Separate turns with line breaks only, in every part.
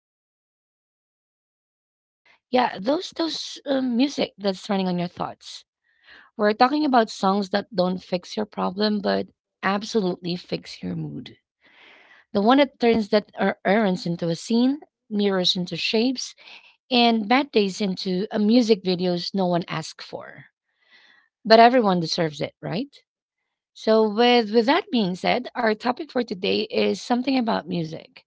dramatically down the street. Yeah, those music that's running on your thoughts. We're talking about songs that don't fix your problem, but absolutely fix your mood. The one that turns that errands into a scene, mirrors into shapes, and bad days into a music videos no one asked for. But everyone deserves it, right? So with that being said, our topic for today is something about music.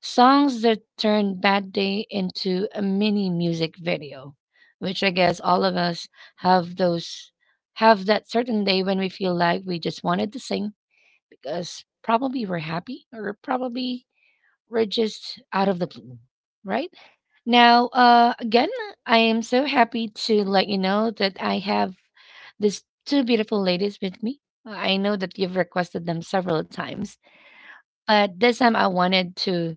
Songs that turn bad day into a mini music video, which I guess all of us have those, have that certain day when we feel like we just wanted to sing because probably we're happy or probably were just out of the blue, right? Now, again, I am so happy to let you know that I have these two beautiful ladies with me. I know that you've requested them several times, but this time I wanted to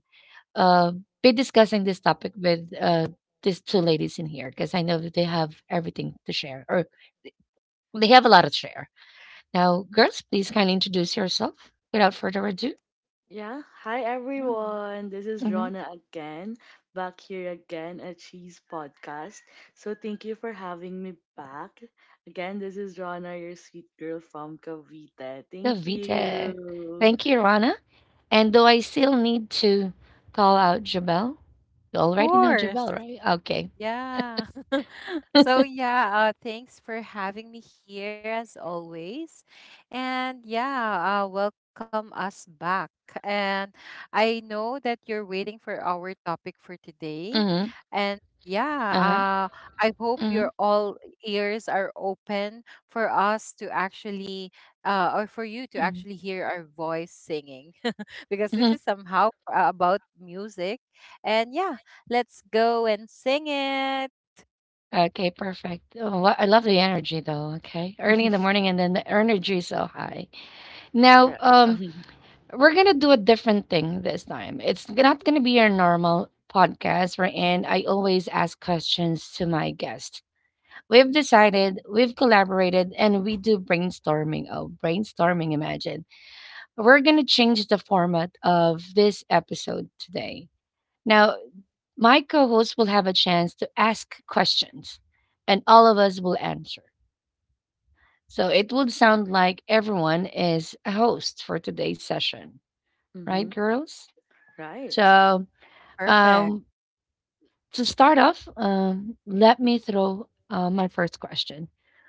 uh, be discussing this topic with these two ladies in here because I know that they have everything to share or they have a lot to share. Now, girls, please kindly introduce yourself without further ado.
Yeah, hi everyone. This is
Mm-hmm.
Rona again, back here again at Cheese Podcast. So thank you for having me back. Again, this is Rona, your sweet girl from Cavite. Thank
Davita.
you.
Thank you, Rana. And do I still need to call out Jabel? You already know Jabel,
Course.
right? Okay.
Yeah. So yeah, thanks for having me here as always. And yeah, welcome us back. And I know that you're waiting for our topic for today.
Mm-hmm.
And yeah,
Uh-huh.
I hope
Mm-hmm.
your all ears are open for us to actually or for you to actually hear our voice singing because this
Mm-hmm.
is somehow about music. And yeah, let's go and sing it.
Okay, perfect. Oh, I love the energy though, okay? Early in the morning and then the energy is so high. Now,
Right.
we're gonna do a different thing this time. It's not gonna be your normal podcast wherein I always ask questions to my guest. We've decided, we've collaborated, and we do brainstorming. Oh, brainstorming, imagine. We're going to change the format of this episode today. Now, my co host will have a chance to ask questions and all of us will answer. So it would sound like everyone is a host for today's session, right,
hmm
girls?
Right.
So, um,
Perfect.
to start off, let me throw my first question.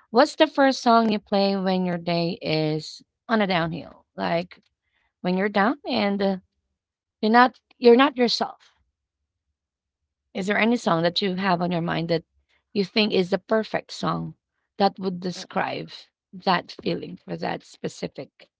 What's the first song you play when your day is on a downhill? Like when you're down and you're not yourself. Is there any song that you have on your mind that you think is the perfect song that would
Right.
describe that feeling for that specific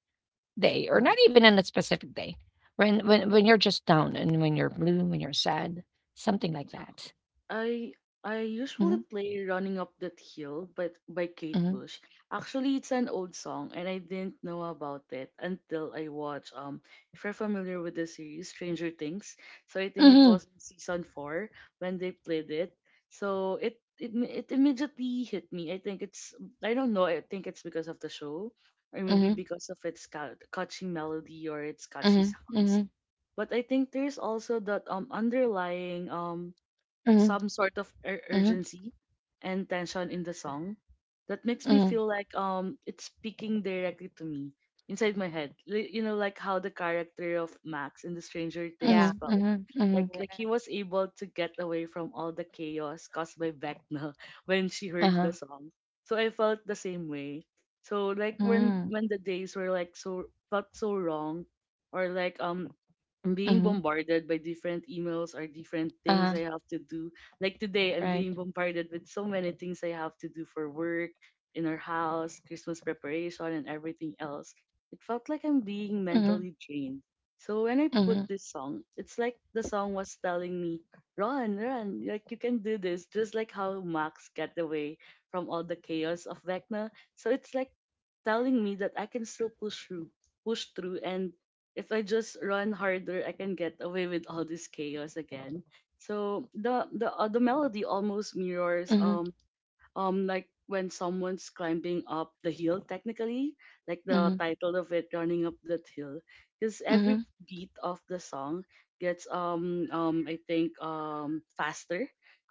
day, or
mm,
not even in a specific day, when when you're just down and when you're blue, when you're sad, something like
uh,
that?
I I usually
Mhm,
play Running Up That Hill but by Kate
mhm,
Bush. Actually it's an old song and I didn't know about it until I watched if you're familiar with the series Stranger Things. So I think it
mhm,
was in season four when they played it. So it immediately hit me. I think it's I don't know, I think it's because of the show or maybe
mhm,
because of its catchy melody or its catchy
mhm,
sounds.
mhm,
But I think there's also that underlying
mhm,
some sort of
mhm,
urgency and tension in the song that makes me
mhm,
feel like it's speaking directly to me inside my head. You know, like how the character of Max in the Stranger
Yeah.
Things
mhm,
felt.
mhm, mhm,
Like
Correct.
he was able to get away from all the chaos caused by Vecna when she heard
uh-huh,
the song. So I felt the same way. So like when
mhm,
when the days were like felt so wrong or like I'm being
mhm,
bombarded by different emails or different
uh-huh,
things I have to do. Like today, I'm
right,
being bombarded with so many things I have to do for work, in our house, Christmas preparation, and everything else. It felt like I'm being
mhm,
mentally drained. So when I
mhm,
put this song, it's like the song was telling me, run, run, like you can do this, just like how Max got away from all the chaos of Vecna. So it's like telling me that I can still push through, and if I just run harder, I can get away with all this chaos again. So the melody almost mirrors
mhm,
like when someone's climbing up the hill technically, like the
mhm,
title of it, running up that hill, because every
mhm,
beat of the song gets I think faster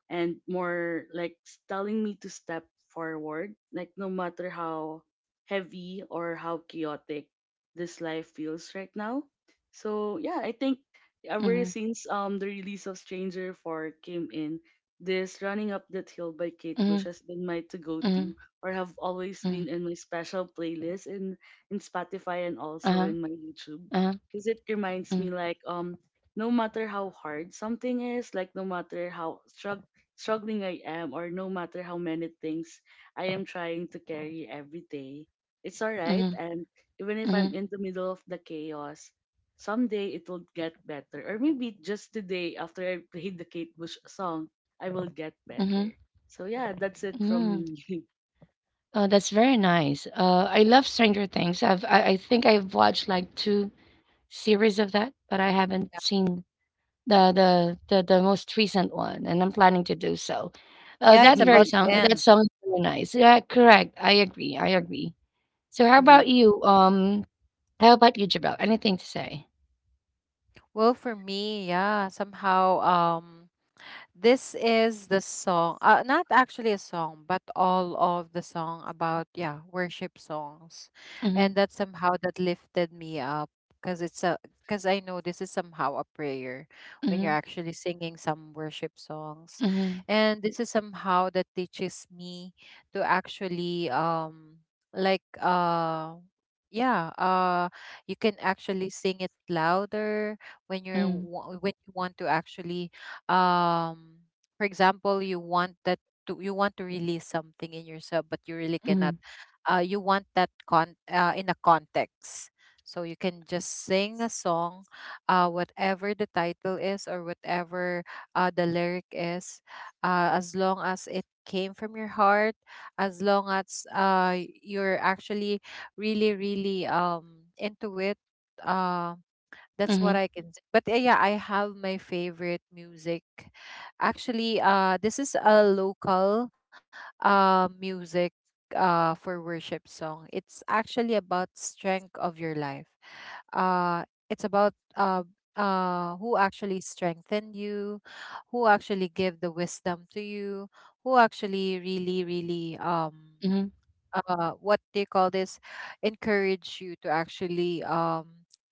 and more like telling me to step forward, like no matter how heavy or how chaotic this life feels right now. So yeah, I think
mhm, mhm,
ever since the release of stranger 4 came in, this Running Up That Hill by Kate
mhm,
Bush has been my to go
mhm,
to, or have always
mhm,
been in my special playlist in Spotify and also
uh-huh.
in my YouTube.
Uh-huh.
Because it reminds
Mm,
me like no matter how hard something is, like no matter how struggling I am or no matter how many things I am trying to carry every day, it's alright.
mhm,
And even if I'm
mhm,
in the middle of the chaos, someday it will get better. Or maybe just today, after I played the Kate Bush song, I will get
mhm,
better. So yeah, that's it from
mm.
me.
Oh, that's very nice. I love Stranger Things. I think I've watched like two series of that, but I haven't
Yeah.
seen the most recent one, and I'm planning to do so. That
Yeah, it's
very
Mhm,
about
song
to
that
mhm,
end.
song is very nice. Yeah, correct. I agree. I agree. So how
mhm,
about you? How about you, Jabel? Anything to say?
Well, for me, yeah, somehow, this is the song, not actually a song, but all of the song about, yeah, worship songs.
Mhm,
And that somehow that lifted me up, because it's a, because I know this is somehow a prayer when you're
mhm,
actually singing some worship songs.
mhm,
And this is somehow that teaches me to actually, like, yeah, you can actually sing it louder when you're
mhm,
when you want to actually, um for example, you want that to you want to release something in yourself, but you really
mhm,
cannot. You want that, con in a context, so you can just sing a song, whatever the title is or whatever the lyric is, as long as it came from your heart, as long as you're actually really, really, into it. Um. That's
mhm,
what I can. But yeah, I have my favorite music. Actually, this is a local music for worship song. It's actually about strength of your life. It's about who actually strengthened you, who actually gave the wisdom to you, who actually really, really,
mhm,
what do you call this, encourage you to actually,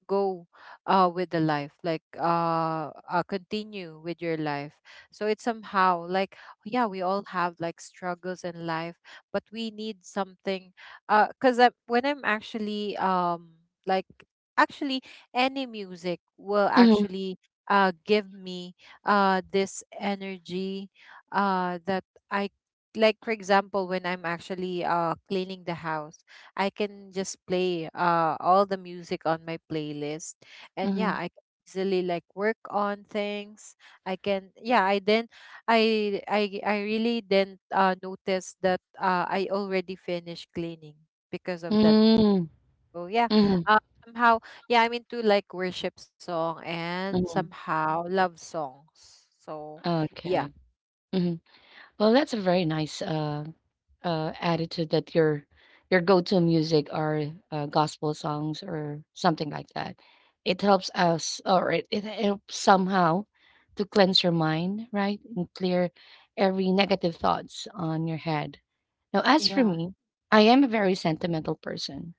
go with the life, like, continue with your life. So it's somehow like, yeah, we all have like struggles in life, but we need something. Because, when I'm actually, like, actually any music will
mhm,
actually give me this energy that I, like for example when I'm actually cleaning the house, I can just play all the music on my playlist, and yeah,
mhm,
I can easily like work on things. I can Yeah, I really didn't notice that I already finished cleaning because of that.
mhm,
So yeah,
mhm,
uh, somehow, yeah, I'm into like worship song and
mhm.
somehow love songs, so yeah.
Okay. Mhm. Well, that's a very nice, attitude that your go-to music are, gospel songs or something like that. It helps us, or it helps somehow to cleanse your mind, right? And clear every negative thoughts on your head. Now, as
Yeah,
for me, I am a very sentimental person.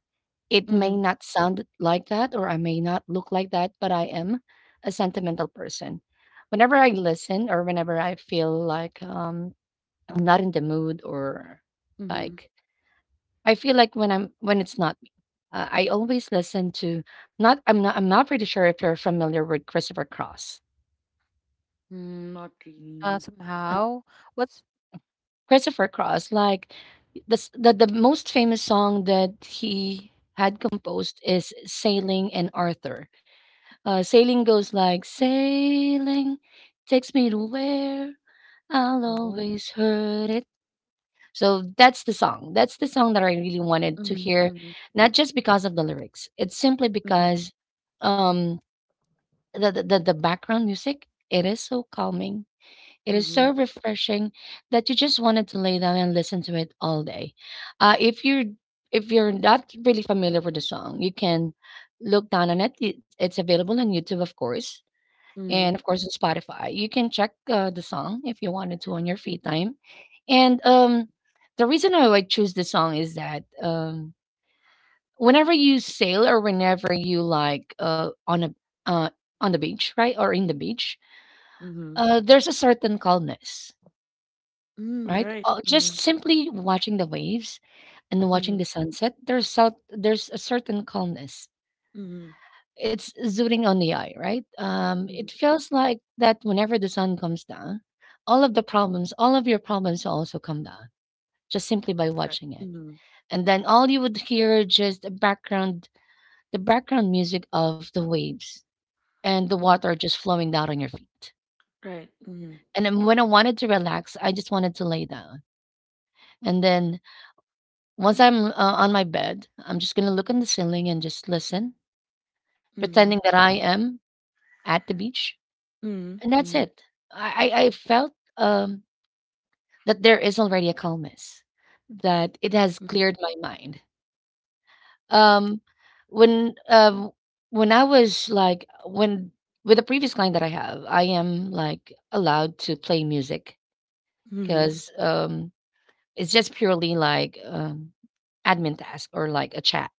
It may
mhm,
not sound like that or I may not look like that, but I am a sentimental person. Whenever I listen or whenever I feel like I'm not in the mood or
mhm.
like I feel like when I'm, when it's not me, I always listen to not I'm not pretty sure if you're familiar with Christopher Cross.
Mm. Not really.
Um,
somehow. What's
Christopher Cross, like this the most famous song that he had composed is Sailing and Arthur. Sailing goes like sailing takes me to where I'll
Oh.
always heard it. So that's the song. That's the song that I really wanted to
Mhm,
hear,
mhm,
not just because of the lyrics. It's simply
mhm,
because um, the, the background music, it is so calming. It is
mhm,
so refreshing that you just wanted to lay down and listen to it all day. Uh, if you're if you're not really familiar with the song, you can look down on it. It's available on YouTube, of course, and
mhm,
of course on Spotify. You can check the song if you wanted to on your free time. And the reason why I like, choose this song is that whenever you sail or whenever you like uh, on the beach, right, or in the beach,
mhm.
there's a certain calmness,
Mm.
right?
Right.
Just
Mhm,
simply watching the waves and
mhm,
watching the sunset, there's so, there's a certain calmness,
mhm,
it's zooting on the eye, right? It
mhm.
feels like that whenever the sun comes down, all of the problems, all of your problems will also come down just simply by
Right.
watching it.
Mhm,
And then all you would hear just the background music of the waves and the
mhm.
water just flowing down on your feet.
Right. Mhm,
And then when I wanted to relax, I just wanted to lay down. And then once I'm on my bed, I'm just gonna look on the ceiling and just listen, pretending
mhm,
that I am at the beach. And that's
mhm,
it. I felt, that there is already a calmness, that it has
mhm,
cleared my mind. Um, when, um, when I was like when with the previous client that I have, I am, like, allowed to play music
mhm,
'cause, it's just purely like, admin task or like a chat.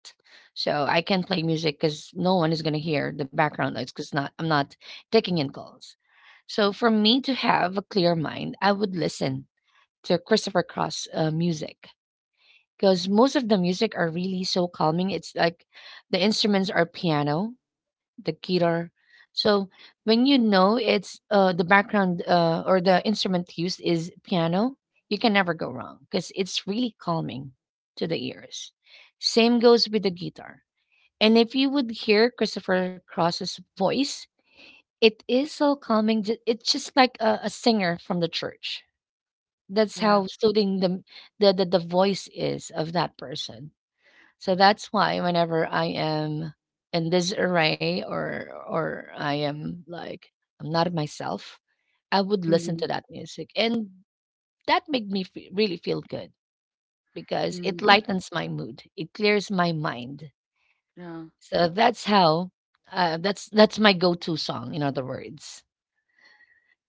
So I can play music because no one is gonna hear the background noise because not I'm not taking in calls. So, for me to have a clear mind, I would listen to Christopher Cross music, because most of the music are really so calming. It's like the instruments are piano, the guitar. So when you know it's the background or the instrument used is piano, you can never go wrong because it's really calming to the ears. Same goes with the guitar. And if you would hear Christopher Cross's voice, it is so calming. It's just like a singer from the church. That's
Yeah,
how soothing the voice is of that person. So that's why whenever I am in disarray or I am like I'm not myself, I would
mhm,
listen to
mhm,
that music, and that made me fe really feel good because it
mhm.
lightens my mood. It clears my mind.
Yeah.
So that's how. That's my go-to song. In other words.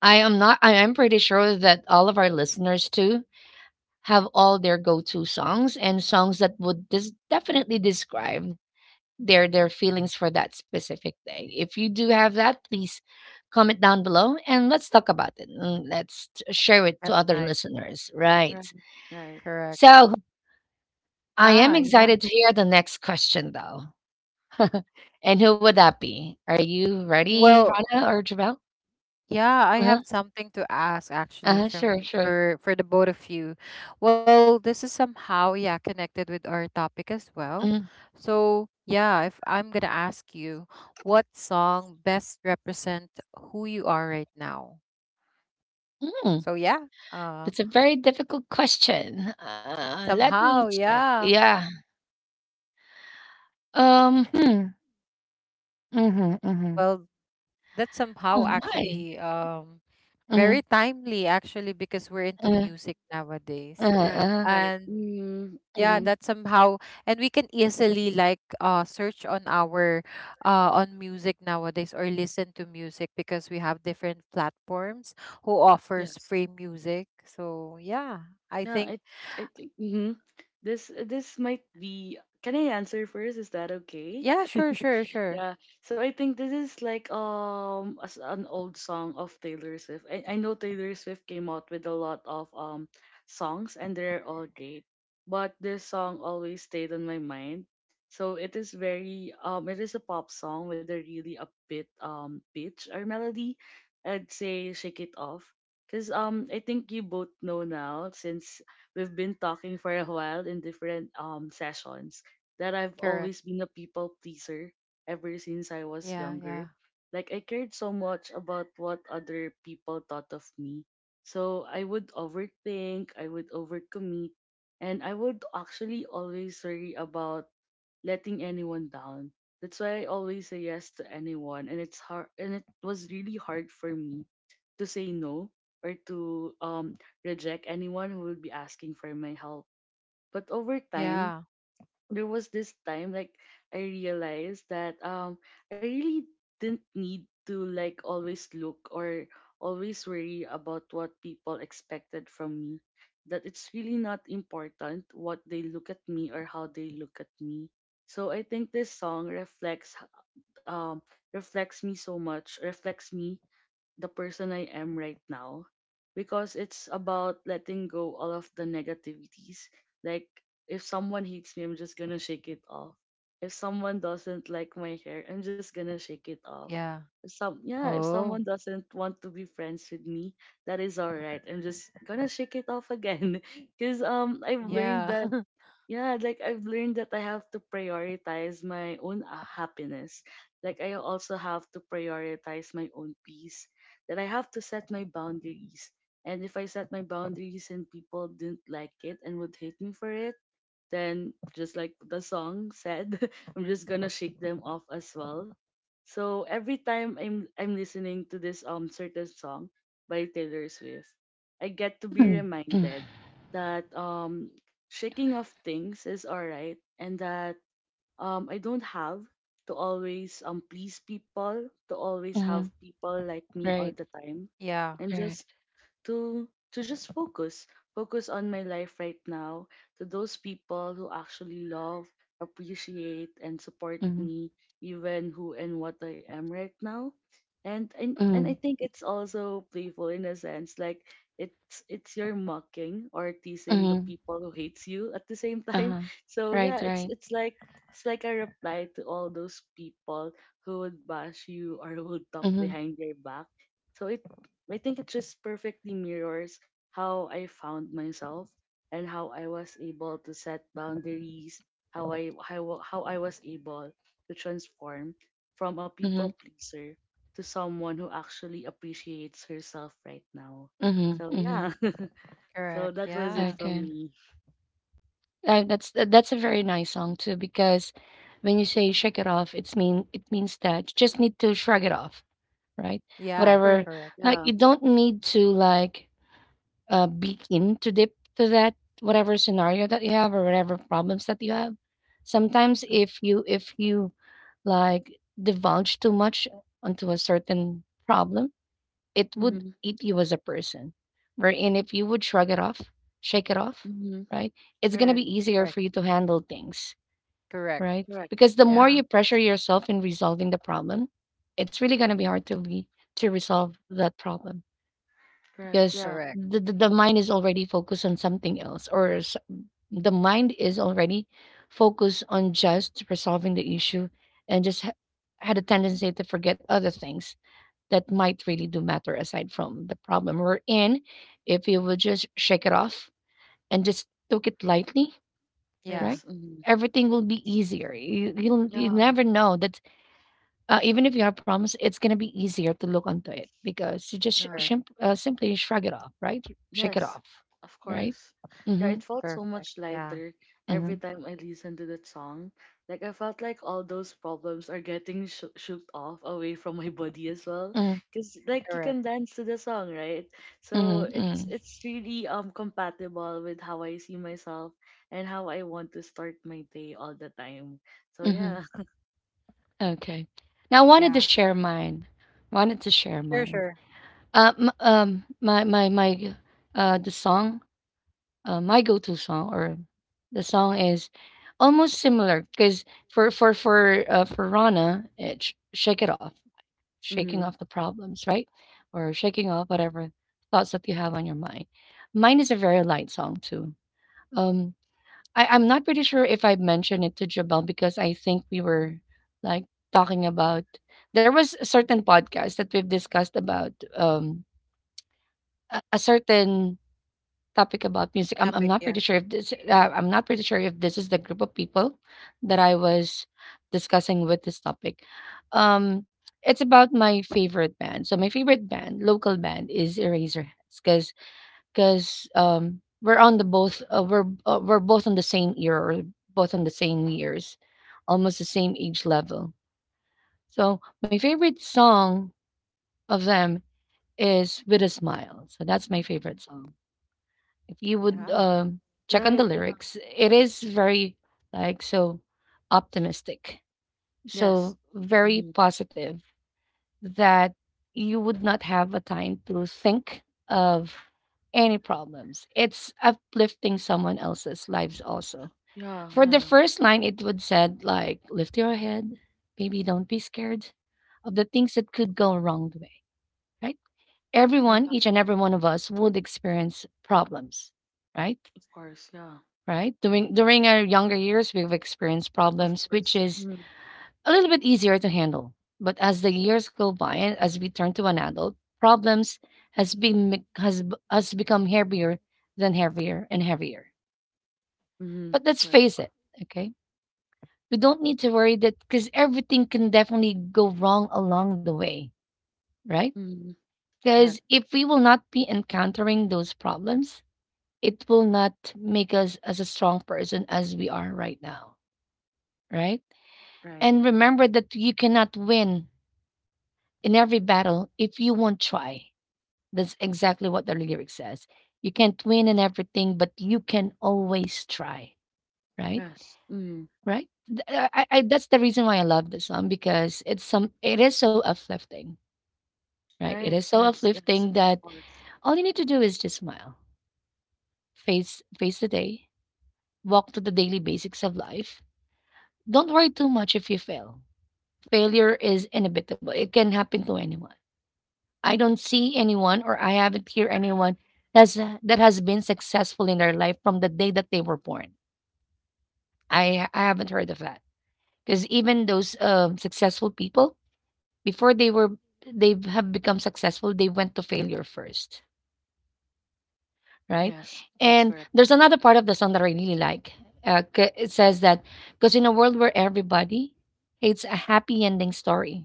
I am not I am pretty sure that all of our listeners too have all their go-to songs and songs that would definitely describe their feelings for that specific day. If you do have that, please comment down below and let's talk about it. And Let's share it to
that's
other
nice.
listeners, right?
Right. Right.
Correct.
So, I am
Ah, yeah.
excited to hear the next question though. And who would that be? Are you ready,
Well,
Rana or Jabel?
yeah, I have
Uh-huh.
something to ask actually
Uh-huh, sure,
from
sure.
for the both of you. Well, this is somehow, yeah, connected with our topic as well.
Mm.
So, yeah, if I'm gonna ask you what song best represent who you are right now.
Mm.
So, yeah.
That's a very difficult question. Let me
Somehow,
check.
yeah.
Yeah. Hmm. Mm-hmm. Mm-hmm.
Well, that's
Oh
somehow
my.
actually,
Mm-hmm.
very timely actually because we're into
Uh,
music
uh,
nowadays.
Right.
uh,
Right.
And
Mm,
yeah,
mhm.
mm.
that somehow and we can easily like, search on our, on music nowadays or listen to music because we have different platforms who offers
Yes.
free music, so yeah, I
Yeah, I
think.
I think, this this might be. Can I answer first? Is that okay?
Yeah. Sure, sure, sure.
Yeah. So I think this is like as an old song of Taylor Swift. I know Taylor Swift came out with a lot of songs and they're all great, but this song always stayed on my mind. So it is very it is a pop song with a really upbeat pitch or melody. I'd say Shake It Off. Because I think you both know now, since we've been talking for a while in different sessions, that I've
Correct.
always been a people pleaser ever since I was
Yeah. Yeah.
younger. Like I cared so much about what other people thought of me. So I would overthink, I would overcommit, and I would actually always worry about letting anyone down. That's why I always say yes to anyone, and it's hard, and it was really hard for me to say no or to reject anyone who would be asking for my help. But over time,
Yeah.
there was this time like I realized that I really didn't need to like always look or always worry about what people expected from me. That it's really not important what they look at me or how they look at me. So I think this song reflects um reflects me so much, reflects me the person I am right now because it's about letting go all of the negativities. Like if someone hates me, I'm just gonna shake it off. If someone doesn't like my hair, I'm just gonna shake it off.
Yeah.
If
Oh,
someone doesn't want to be friends with me, that is alright. I'm just gonna shake it off again. Cause I've
yeah.
learned that I've learned that I have to prioritize my own happiness. Like I also have to prioritize my own peace. That I have to set my boundaries. And if I set my boundaries and people didn't like it and would hate me for it, then just like the song said, I'm just gonna shake them off as well. So every time I'm listening to this certain song by Taylor Swift, I get to be
Mm-hmm.
reminded that shaking off things is alright, and that I don't have to always please people, to always have
Mm-hmm.
people like me all
Right.
the time.
Yeah.
And just
Correct.
to just focus on my life right now, to those people who actually love, appreciate and support
Mm-hmm.
me even who and what I am right now. And I
Mm-hmm.
think it's also playful in a sense, like it's your mocking or teasing the
Mm-hmm.
people who hates you at the same time.
Uh-huh.
So
Right.
yeah, it's
Right.
it's like it's like a reply to all those people who would bash you or would talk
Mm-hmm.
behind your back, so it. I think it just perfectly mirrors how I found myself and how I was able to set boundaries, how I was able to transform from a
Mm-hmm.
people pleaser to someone who actually appreciates herself right now.
Mm-hmm.
So
Mm-hmm.
yeah.
Correct.
So that was
Yeah.
it from
Okay.
me.
That's a very nice song too because when you say shake it off, it's mean it means that you just need to shrug it off, right?
Yeah.
Whatever.
Correct.
Correct.
Like
Yeah.
you don't need to like begin to dip to that whatever scenario that you have or whatever problems that you have. Sometimes if you like divulge too much onto a certain problem, it would
Mm-hmm.
eat you as a person. Wherein if you would shrug it off, shake it off,
Mm-hmm.
right? It's gonna
Correct.
be easier
Correct.
for you to handle things,
Correct.
right?
Correct.
Because the more
Yeah.
Mm-hmm.
you pressure yourself in resolving the problem, it's really gonna be hard to be to resolve that problem
Correct.
because
Yeah.
Correct.
the mind is already focused on something else or the mind is already focused on just resolving the issue and just had a tendency to forget other things that might really do matter aside from the problem we're in. If you would just shake it off and just took it lightly,
Yeah.
right,
Yes. Mm-hmm.
everything will be easier. You'll you
Yeah.
never know that, even if you have problems, it's gonna be easier to look onto it because you just
Yeah.
Correct.
simply shrug it off, right? Shake it
Yes,
off,
of
right?
course. Yeah,
Mm-hmm.
it felt so
Perfect.
much
Yeah.
lighter every
Mm-hmm.
time I listened to that song. Like I felt like all those problems are getting shook off away from my body as well.
Mm-hmm.
Cause like you
Correct.
can dance to the song, right? So
Mm-hmm.
it's really compatible with how I see myself and how I want to start my day all the time. So
Mm-hmm.
yeah.
Okay. Now, I wanted
Yeah.
to share mine. Wanted to share
Sure,
mine.
sure.
My the song, my go-to song or the song is almost similar because for Rana, it's Shake It Off. Shaking
Mm-hmm.
off the problems, right? Or shaking off whatever thoughts that you have on your mind. Mine is a very light song too. Um, I'm not pretty sure if I mentioned it to Jabel because I think we were like talking about there was a certain podcast that we've discussed about a certain topic about music. I'm
Topic,
not
yeah.
pretty sure if this I'm not pretty sure if this is the group of people that I was discussing with this topic. Um, it's about my favorite band. So my favorite band, local band, is Eraserheads, because we're on the both we're both on the same year, or both on the same years, almost the same age level. So my favorite song of them is "With a Smile." So that's my favorite song if you would
Yeah.
check on the
Right. Yeah.
lyrics, it
uh,
is very so optimistic,
Yes.
so very
Mm-hmm.
positive that you would not have a time to think of any problems. It's uplifting someone else's lives also.
Yeah.
For the
Yeah.
first line, it would said like lift your head, baby, don't be scared of the things that could go wrong the way, right?
Yeah.
Everyone, each and every one of us would experience problems, right?
Of course. Yeah.
Right? During our younger years, we've experienced
Of
problems which
course.
is
Mm-hmm.
a little bit easier to handle. But as the years go by and as we turn to an adult, problems has been bec- has b- has become heavier than heavier and heavier.
Mm-hmm.
But let's
Correct.
face it, okay? We don't need to worry that because everything can definitely go wrong along the way, right?
Mm-hmm. Correct.
Because if we will not be encountering those problems, it will not make us as a strong person as we are right now, right?
Right.
And remember that you cannot win in every battle if you won't try. That's exactly what the lyric says. You can't win in everything, but you can always try. Right?
Yes. Mm.
Right? That's the reason why I love this song because it's some. it is so uplifting. Right? It
Right.
is so
Yes. Yes.
uplifting
Of
that
course.
all you need to do is just smile, face the day, walk to the daily basics of life. Don't worry too much if you fail. Failure is inevitable. It can happen to anyone. I don't see anyone or I haven't hear anyone that's that has been successful in their life from the day that they were born. I haven't heard of that because even those successful people before they were they have become successful they went to failure first, right?
Yes. That's
And
correct.
there's another part of the song that I really like. It says that because in a world where everybody hates a happy ending story,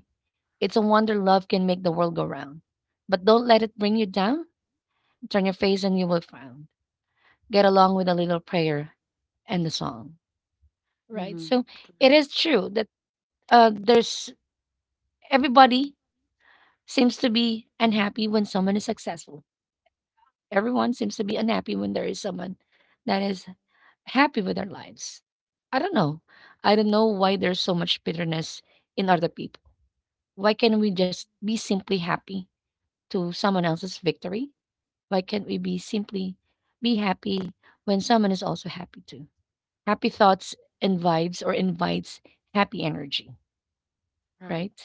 it's a wonder love can make the world go round. But don't let it bring you down, turn your face and you will frown. Get along with a little prayer and the song, right?
Mm-hmm.
So it
Correct.
is true that there's everybody seems to be unhappy when someone is successful. Everyone seems to be unhappy when there is someone that is happy with their lives. I don't know. I don't know why there's so much bitterness in other people. Why can't we just be simply happy to someone else's victory? Why can't we be simply be happy when someone is also happy too? Happy thoughts invites happy energy,
Right.
right?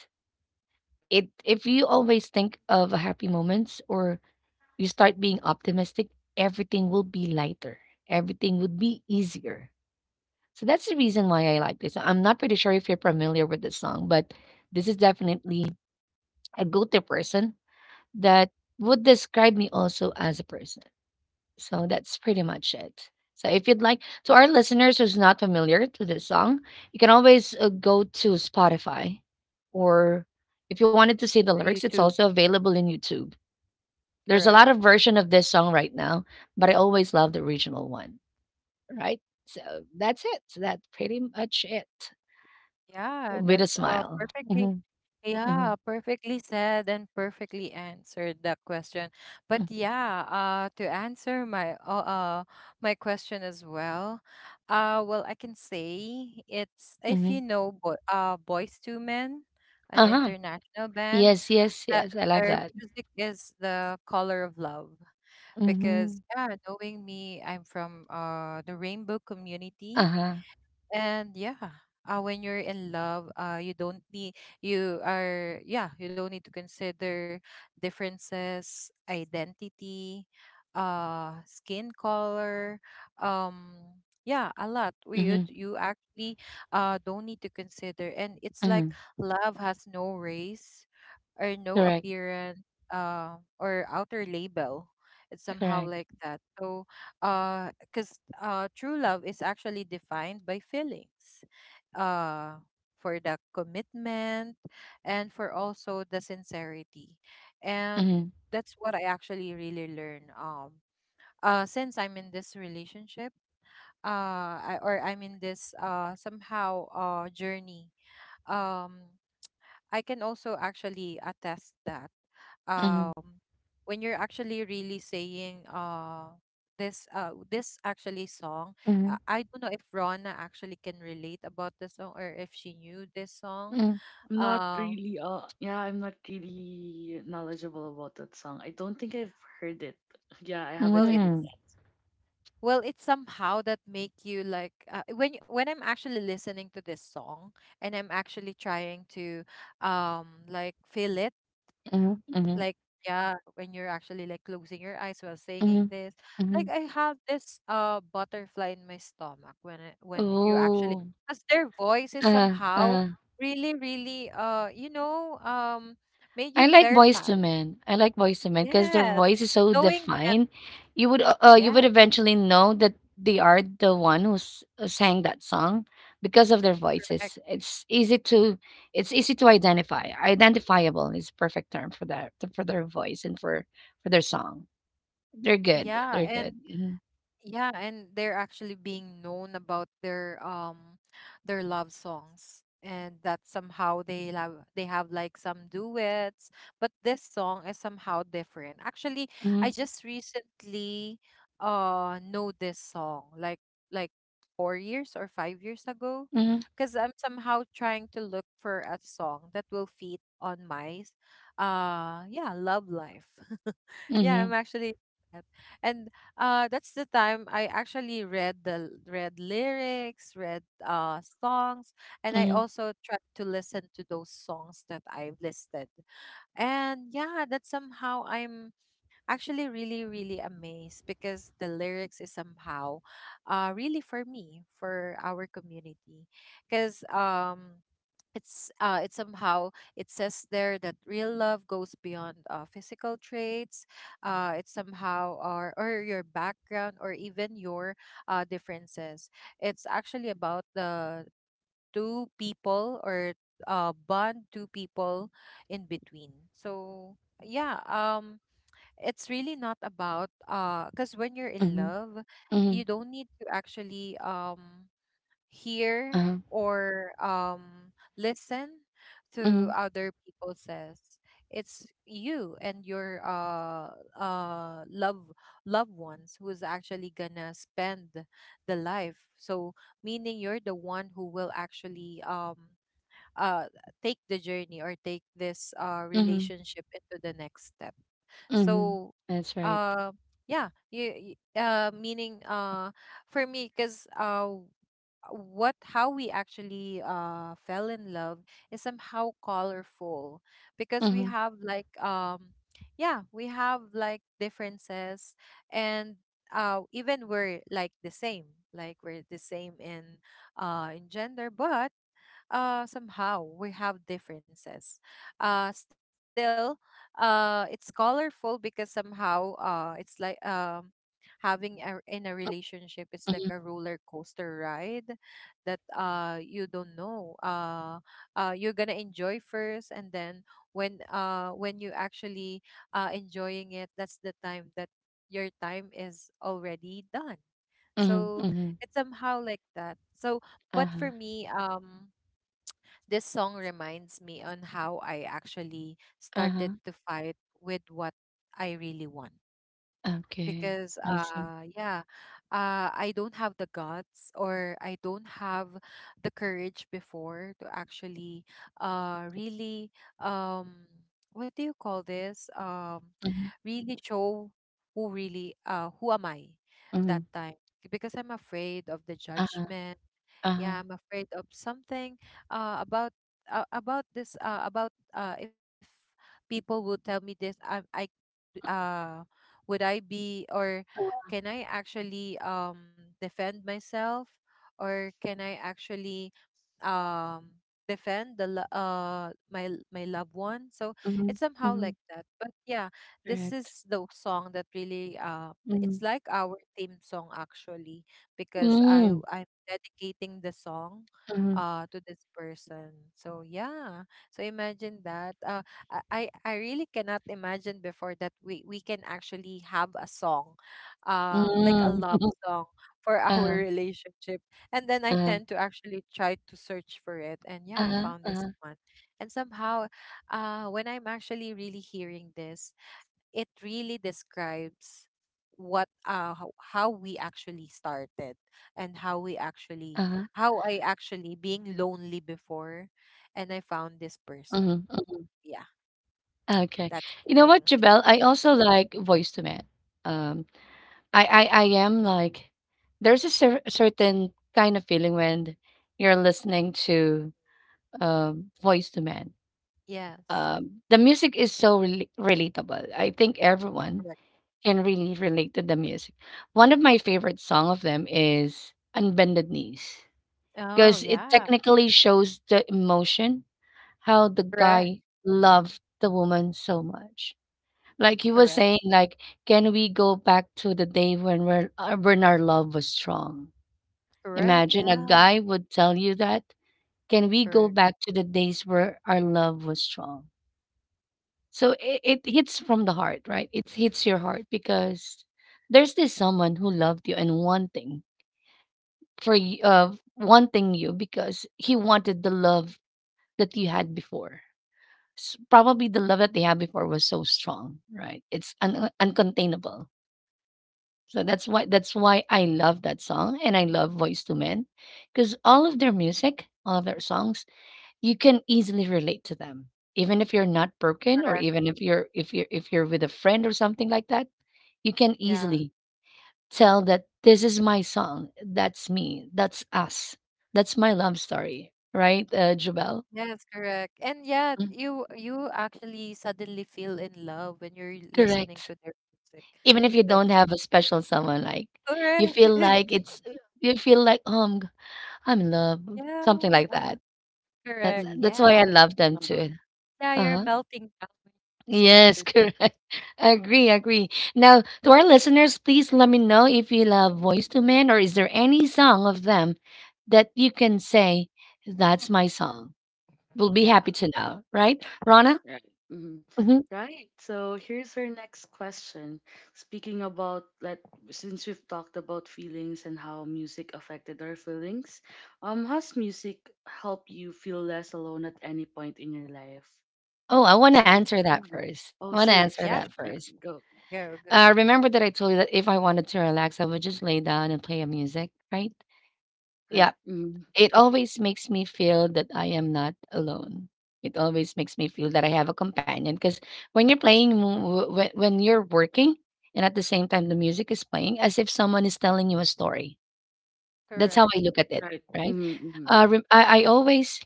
It if you always think of happy moments or you start being optimistic, everything will be lighter. Everything would be easier. So that's the reason why I like this. I'm not pretty sure if you're familiar with this song, but this is definitely a go-to person that would describe me also as a person. So that's pretty much it. So if you'd like, to our listeners who's not familiar to this song, you can always go to Spotify, or if you wanted to see the
Or
lyrics, it's
YouTube.
also available in YouTube. There's a
Correct.
lot of version of this song right now, but I always love the original one. Right? So that's it. So, that's pretty much it.
Yeah,
With a
that's
smile.
perfectly,
Hmm. Hmm.
yeah, perfectly said and perfectly answered the question. But yeah, to answer my, my question as well, well, I can say it's if you
Hmm.
know Bo Boys to Men, an
Uh huh.
international band,
Yes. Yes.
that
Yes. I love
their
that.
music is the color of love.
Hmm.
Because yeah, knowing me, I'm from the rainbow
Uh
community.
huh.
And yeah, when you're in love, you are, yeah, you don't need to consider differences, identity, skin color, um, yeah, a lot. We you,
Hmm.
you actually don't need to consider, and it's like
Hmm.
love has no race or no
Correct.
appearance, or outer label. It's somehow
Correct.
like that. So, uh because, true love is actually defined by feelings, uh, for the commitment, and for also the sincerity. And
Mhm.
that's what I actually really learn, since I'm in this relationship. Or I'm in this, somehow, journey. um, I can also actually attest that,
Mhm,
um when you're actually really saying, this actually song.
mhm,
I don't know if Rona actually can relate about the song or if she knew this song.
mhm,
I'm not
um
really. Yeah. I'm not really knowledgeable about that song. I don't think I've heard it. Yeah. I
well
haven't heard it
mm.
it's
yet.
well, it's somehow that make you, like, when when I'm actually listening to this song, and I'm actually trying to, like, feel it.
Mhm,
Like,
mhm,
yeah, when you're actually like closing your eyes while singing
mhm,
this, like,
mhm.
I have this butterfly in my stomach when when you actually,
Ooh.
as their voice is
Uh,
somehow
uh.
really, really, made you
I like Boyz II
terrified.
Men. I like Boyz II Men because their
Yes.
voice is so
Knowing them.
defined. You would
Yes.
eventually know that they are the one who's sang that song because of their
Correct.
voices. It's easy to identify. Identifiable is perfect term for that for their voice and for their song. They're good.
Yeah.
They're
And
good. Mhm,
yeah, and they're actually being known about their, their love songs, and that somehow they have like some duets, but this song is somehow different. Actually, I
mhm,
just recently know this song like, like 4 years or 5 years ago,
mhm,
because I'm somehow trying to look for a song that will fit on my, yeah, love life. Yeah,
mhm,
I'm actually. And That's the time I actually read the read lyrics, read songs, and I
mhm,
also tried to listen to those songs that I've listed. And yeah, that somehow I'm actually really, really amazed because the lyrics is somehow, really for me, for our community. Because, it's somehow, it says there that real love goes beyond, physical traits. It's somehow, or your background, or even your, differences. It's actually about the two people, or bond two people in between. So yeah, it's really not about, because when you're in
mhm.
love,
Mhm,
you don't need to actually, hear,
uh-huh,
or, listen to
mhm,
other people says. It's you and your, love, loved ones who's actually gonna spend the life. So meaning, you're the one who will actually, uh take the journey, or take this,
mhm,
relationship into the next step.
mhm.
So
That's right.
uh yeah, meaning, for me, because, what how we actually fell in love is somehow colorful, because we
Mhm,
have like, yeah, we have like differences, and even we're like the same, like we're the same in, gender, but somehow we have differences. Still, it's colorful because somehow, it's like, in a relationship, it's like
mhm,
a roller coaster ride that, you don't know. You're gonna enjoy first, and then when, when you actually, enjoying it, that's the time that your time is already done.
mhm,
So
mhm.
it's somehow like that. So, but
Uh-huh,
for me, this song reminds me on how I actually
uh-huh.
started to fight with what I really want.
Okay,
Because,
I see.
yeah, I don't have the guts, or I don't have the courage before to actually, really, um what do you call this?
Mhm,
Really show who really, who am I
mhm.
that time, because I'm afraid of the
Uh-huh,
judgment.
uh-huh,
Yeah, I'm afraid of something, about, about this about, if people would tell me this, I uh would I be, or
uh-huh.
can I actually, defend myself, or can I actually, um defend the, my my loved one, so
Mhm,
it's somehow
mhm.
like that. But yeah, this
Correct.
is the song that really,
Mhm.
it's like our theme song actually, because
Mm,
I dedicating the song,
mhm,
to this person. So yeah. So imagine that. I really cannot imagine before that we can actually have a song. Like a
mm.
love song for our
Uh-huh,
relationship. And then I
uh-huh,
tend to actually try to search for it, and yeah, I
uh-huh,
found this
uh-huh,
one. And somehow, when I'm actually really hearing this, it really describes, what how we actually started, and
uh-huh.
how I actually being lonely before, and I found
Mhm,
this
mhm.
person. Yeah,
Okay. You know what,
that's the
Jabel? I
thing.
also like voice to man. Um, I am like there's a certain kind of feeling when you're listening to Voice to Man.
Yes.
The music is so relatable. I think everyone
Correct.
can really relate to the music. One of my favorite song of them is Unbended Knees
Oh,
because it
yeah.
technically shows the emotion how the
Correct.
guy loved the woman so much. Like he was
Correct.
saying, like, can we go back to the day when when our love was strong?
Correct.
Imagine a
Yeah.
guy would tell you that. Can we go
Correct.
back to the days where our love was strong? So it hits from the heart, right? It hits your heart because there's this someone who loved you and wanting wanting you because he wanted the love that you had before. Probably the love that they had before was so strong, right? It's uncontainable. So that's why I love that song and I love Voice to Men because all of their music, all of their songs you can easily relate to them. Even if you're not broken or
Correct.
even if you're with a friend or something like that, you can
Yeah.
easily tell that this is my song. That's me. That's us. That's my love story, right, Jubel?
Yes, correct. And yeah,
Mm,
you actually suddenly feel in love when you're listening
correct.
to their music.
Even if you don't
That's
have a special someone, like you
correct.
feel like
Mm-hmm.
it's you feel like I'm in love, something like
Yeah.
that.
Correct.
Mm-hmm.
That's why
Yeah.
I love them
Yeah.
too.
Yeah, you're
Uh-huh.
melting down when you're listening
Yes,
to this.
correct. Agree, agree. Now, to our listeners, please let me know if you love Voice to Men or is there any song of them that you can say, that's my song. We'll be happy
Yeah.
to know, right? Rana?
Right. hmm
Hmm.
Right. So here's our next question. Speaking about like, since we've talked about feelings and how music affected our feelings, has music helped you feel less alone at any point in your life?
Oh, I want to
So
answer that
yeah.
first. I
Oh
want to
sure,
answer
Yeah,
sure.
that
Yeah.
first.
Go.
go, go.
Remember that I told you that if I wanted to relax, I would just lay down and play a music, right? Yeah.
Right. Mm-hmm.
It always makes me feel that I am not alone. It always makes me feel that I have a companion because when you're playing, when you're working, and at the same time the music is playing, as if someone is telling you a story. That's how
Correct.
I look at it,
Right.
right?
Mm-hmm. Mm-hmm.
I always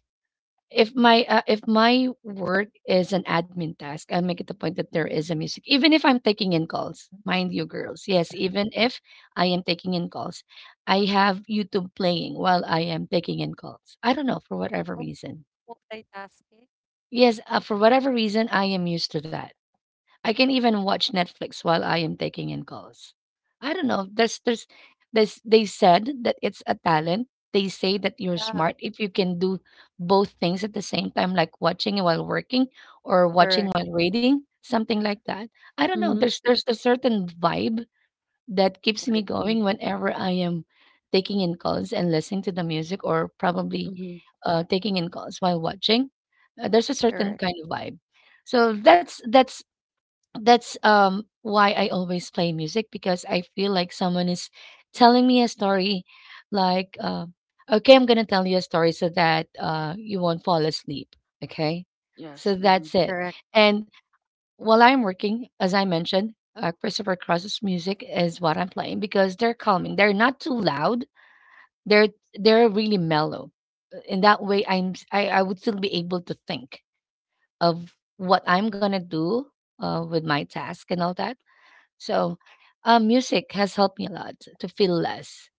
if my work is an admin task, I make it a point that there is a music, even if I'm taking in calls. Mind you, girls, yes, even if I am taking in calls, I have YouTube playing while I am taking in calls. I don't know for whatever
Mul-
reason.
Multitasking.
Yes, for whatever reason, I am used to that. I can even watch Netflix while I am taking in calls. I don't know. There's They said that it's a talent. They say that you're
Yeah.
smart if you can do both things at the same time, like watching while working or watching
Correct.
while reading, something like that. I don't know.
Mm-hmm.
There's a certain vibe that keeps me
Right. Mm-hmm.
going whenever I am taking in calls and listening to the music or probably
Mm-hmm.
taking in calls while watching. There's a certain
Correct.
kind of vibe. So that's why I always play music because I feel like someone is telling me a story like uh, okay, I'm gonna tell you a story so that you won't fall asleep, okay,
Yes.
so
Mm-hmm.
that's it.
Correct.
And while I'm working, as I mentioned, Christopher Cross's music is what I'm playing because they're calming, they're not too loud, they're they're really mellow. In that way I would still be able to think of what I'm gonna do with my task and all that. so, Music has helped me a lot to feel less.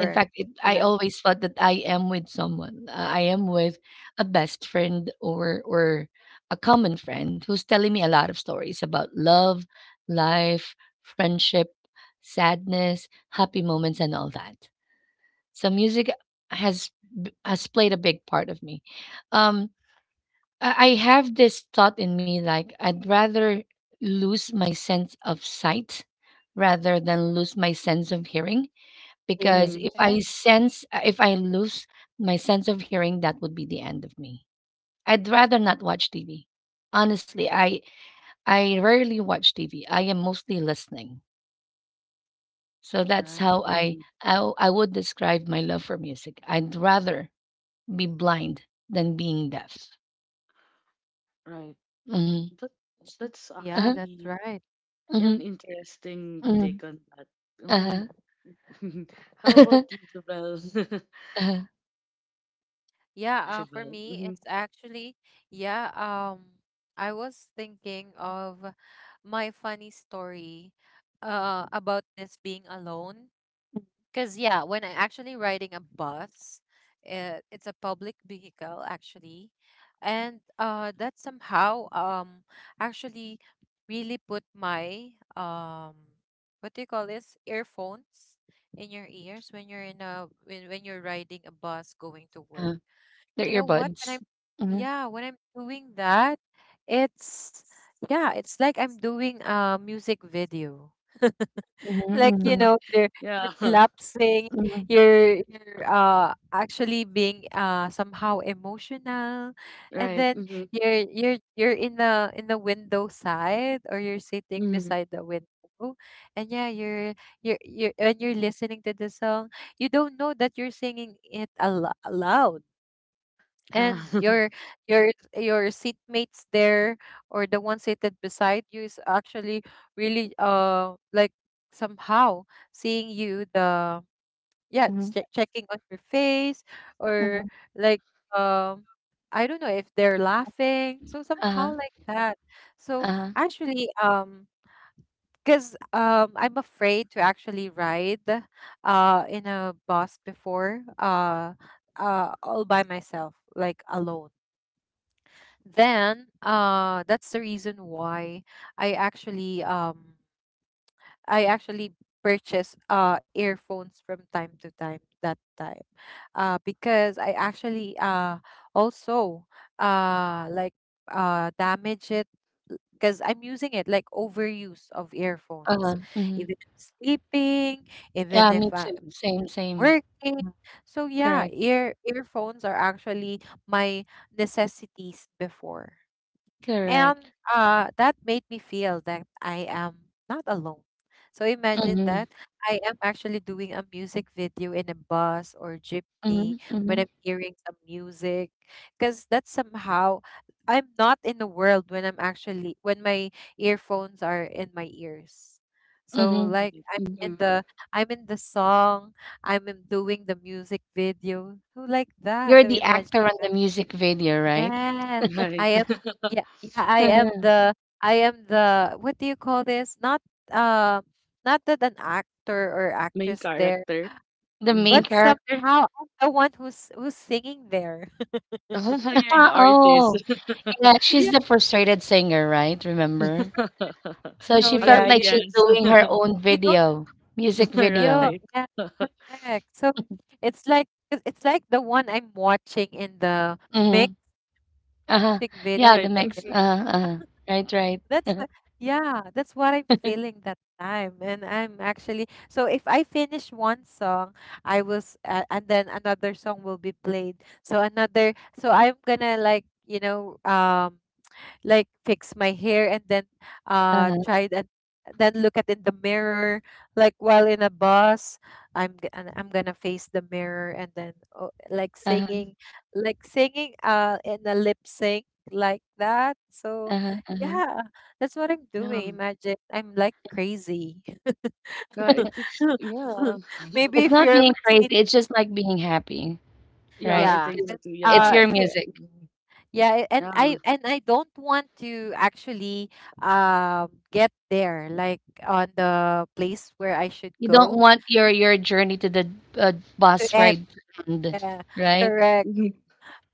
In fact, I
Yeah.
always felt that I am with someone. I am with a best friend or a common friend who's telling me a lot of stories about love, life, friendship, sadness, happy moments, and all that. So music has has played a big part of me. Um, I have this thought in me like I'd rather lose my sense of sight rather than lose my sense of hearing,
Hearing.
because
Mm-hmm.
Yes.
if I lose my sense of hearing, that would be the end of me. I'd rather not watch TV. Honestly, I rarely watch TV. I am mostly listening. So
Right.
that's how
Mm-hmm.
I would describe my love for music. I'd rather be blind than being deaf.
Right.
Mhm.
That that's
Yeah,
Uh-huh.
that's
actually
right.
an
Mhm.
interesting
Mhm.
take on that. Mm.
Uh-huh.
How about you, Jovel?
Uh-huh,
Yeah, for
Jovel.
me it's actually, yeah, I was thinking of my funny story, about this being alone. Because yeah, when I actually riding a bus, it's a public vehicle actually, and that somehow, actually really put my, what do you call this, earphones in your ears when you're in a when you're riding a bus going to
uh-huh.
work.
Their
You know what? When
earbuds.
I'm
Mhm,
yeah, when I'm doing that, it's yeah, it's like I'm doing a music video.
mhm,
Like you
mhm,
know they're you're
Yeah.
relapsing.
mhm,
You're actually being somehow emotional. And
Right.
then
Mm-hmm.
you're in the window side, or you're sitting
Mm-hmm.
beside the window. And yeah, you're listening to the song. You don't know that you're singing it loud,
Yeah.
and your your seatmates there, or the one seated beside you, is actually really like somehow seeing you the yeah,
mhm,
checking on your face. Or
mhm.
like, um I don't know if they're laughing so somehow
Uh-huh,
like that. So
uh-huh,
actually, because I'm afraid to actually ride in a bus before all by myself, like alone. Then that's the reason why I actually um I actually purchase earphones from time to time that time, because I actually also like damage it, because I'm using it like overuse of earphones,
uh-huh, mhm.
even if sleeping, even
Yeah, me
if
too.
I'm
Same, same.
working.
Mhm.
So yeah,
Correct,
earphones are actually my necessities before. And
correct.
that made me feel that I am not alone. So imagine
Mhm,
that I am actually doing a music video in a bus or jeepney
mhm,
when
mhm,
I'm hearing some music. Because that's somehow, I'm not in the world when I'm actually, when my earphones are in my ears. So
mhm.
like
Right.
I'm in
Mm-hmm.
the song, I'm in doing the music video. So like that.
You're
So
the
imagine.
actor on the music video, right?
Yes, I
Right.
am. Yeah, yeah, I am
Uh-huh.
the. I am the. What do you call this? Not uh, not that an actor or
Main
actress there,
character.
The main
but
Mhm.
character?
somehow I'm the one who's singing there.
Ah, you're the artist.
Oh, yeah, she's the
Yeah.
frustrated singer, right? Remember? So
So
she
yeah,
felt
Actually,
like she's
yes.
doing her own
you don't
video, music
you
video.
Right.
yeah, correct. So it's like it's like the one I'm watching in the mix,
Mm-hmm. Uh-huh.
music
Yeah,
video in
the
Right.
the.
mix.
Mhm.
Uh-huh, uh-huh. Right, right.
That's the- yeah, that's what I'm feeling that time. And I'm actually, so if I finish one song, I was and then another song will be played. So another so I'm gonna, like, you know, like fix my hair, and then
Uh-huh,
try and then look at in the mirror, like while in a bus. I'm g- and I'm gonna face the mirror and then, oh, like
uh-huh,
singing, like singing in a lip sync, like that. So
uh-huh, uh-huh.
yeah, that's what I'm
Yeah.
doing. Imagine, I'm like crazy.
Yeah. It, it's, yeah.
Maybe
It's
if
not
you're
being
my
crazy,
seat.
it's just like being happy,
Yeah,
right?
I
Yeah,
think so
'Cause
'cause,
too.
it's
Yeah.
your
if you.
music.
Mm-hmm.
Yeah, and
Yeah.
I don't want to actually get there, like on the place where I should
You don't
go
want your journey to the uh,
to
bus
end.
ride to end,
Yeah,
right?
correct.
Mhm.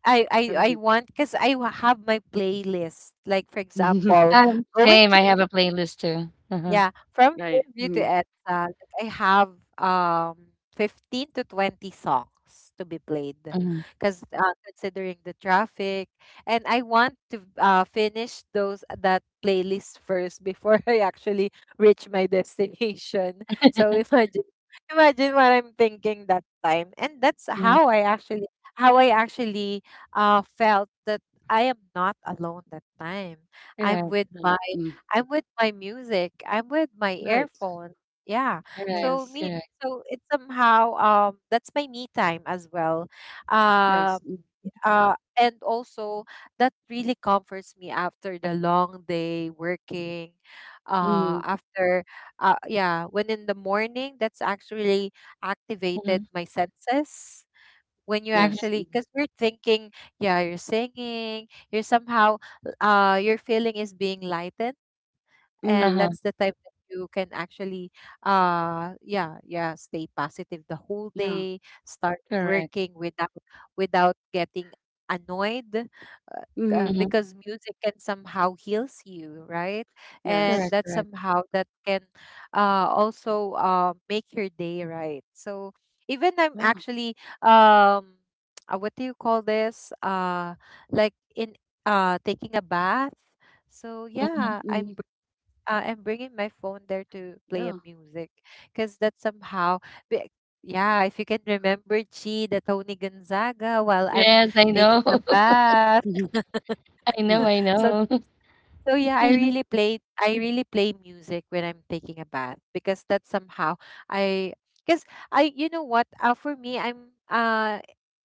I I
Right.
want, because have my playlist. Like, for example, going
Same, I have
to.
a playlist too. Uh-huh.
Yeah, from
Right.
Fairview to
Mhm.
EDSA, like, I have 15 to 20 songs to be played,
Mhm.
because considering the traffic, and I want to finish those that playlist first before I actually reach my destination. So imagine what I'm thinking that time. And that's
Mm.
how I actually how I actually felt that I am not alone that time. I'm
Correct,
with
Right.
my
Mm.
music. I'm with my
Right.
earphone. Yeah.
correct,
So
Yes.
me
correct.
so it's somehow that's my me time as well. Um
Yes. Mm.
and also, that really comforts me after the long day working,
Mhm,
Mhm.
after yeah, when in the morning, that's actually activated
mhm,
my senses when you
mhm.
Yes.
actually, because
Mm.
we're thinking, yeah, you're singing, you're somehow your feeling is being lightened, and
Uh-huh.
Mhm.
that's the time that you can actually, yeah, stay positive the whole
Yeah.
day, start
Correct.
working without, without getting annoyed. uh,
Mhm.
Mhm.
because music can somehow heals you, right? And
Yes.
Correct,
that
correct.
somehow, that can also make your day, right? So even I'm
Yeah.
actually, um what do you call this, like in, taking a bath. So
Mhm.
yeah,
Mhm.
I'm I'm bringing my phone there to play a
Yeah.
music, because that somehow, be- yeah, if you can remember Chi, the Tony Gonzaga, while I'm
Yes, I
taking
know.
a bath.
Mhm.
I know, I
Mhm.
know.
So yeah, I really play, I really play music when I'm taking a bath, because that's somehow, I because I, you know what, for me,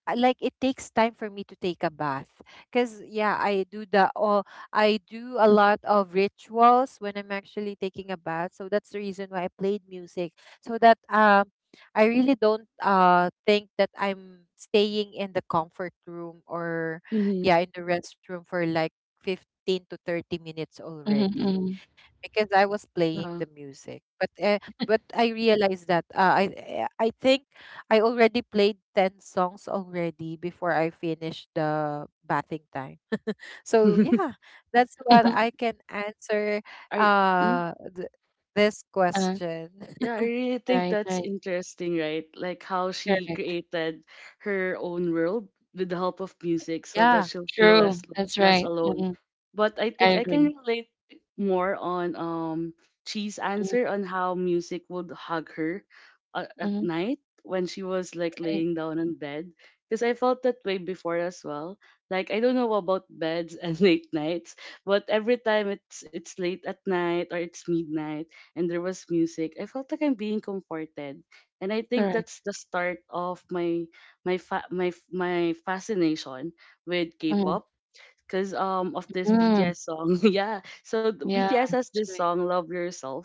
like, it takes time for me to take a bath, because yeah, I do a lot of rituals when I'm actually taking a bath. So that's the reason why I played music, so that I really don't think that I'm staying in the comfort room, or
Mhm.
yeah, in the restroom for like 15 to 30 minutes
Mhm,
already,
mhm,
because I was playing the
Yeah.
music. But I realized that I think I already played 10 songs already before I finished the bathing time. So yeah, that's what
Yeah.
mhm,
I can answer
I. Mm.
uh th- this
uh,
question.
Yeah, I really think
right,
that's
right,
interesting, right? Like how she
correct.
created her own world with the help of music so that
Yeah.
she'll feel
True,
less
that's
less
right,
alone.
mhm,
But I
I
think I
agree.
can relate more on Chi's
Mhm,
answer on how music would hug her at
mhm,
night when she was like
right,
laying down on bed, because I felt that way before as well. Like I don't know about beds and late nights, but every time it's late at night or it's midnight and there was music, I felt like I'm being comforted. And I think
correct,
that's the start of my fascination with
mhm,
K-pop because of this
mm,
BTS song. Yeah. So the
yeah,
BTS has
that's
this
right,
song Love Yourself.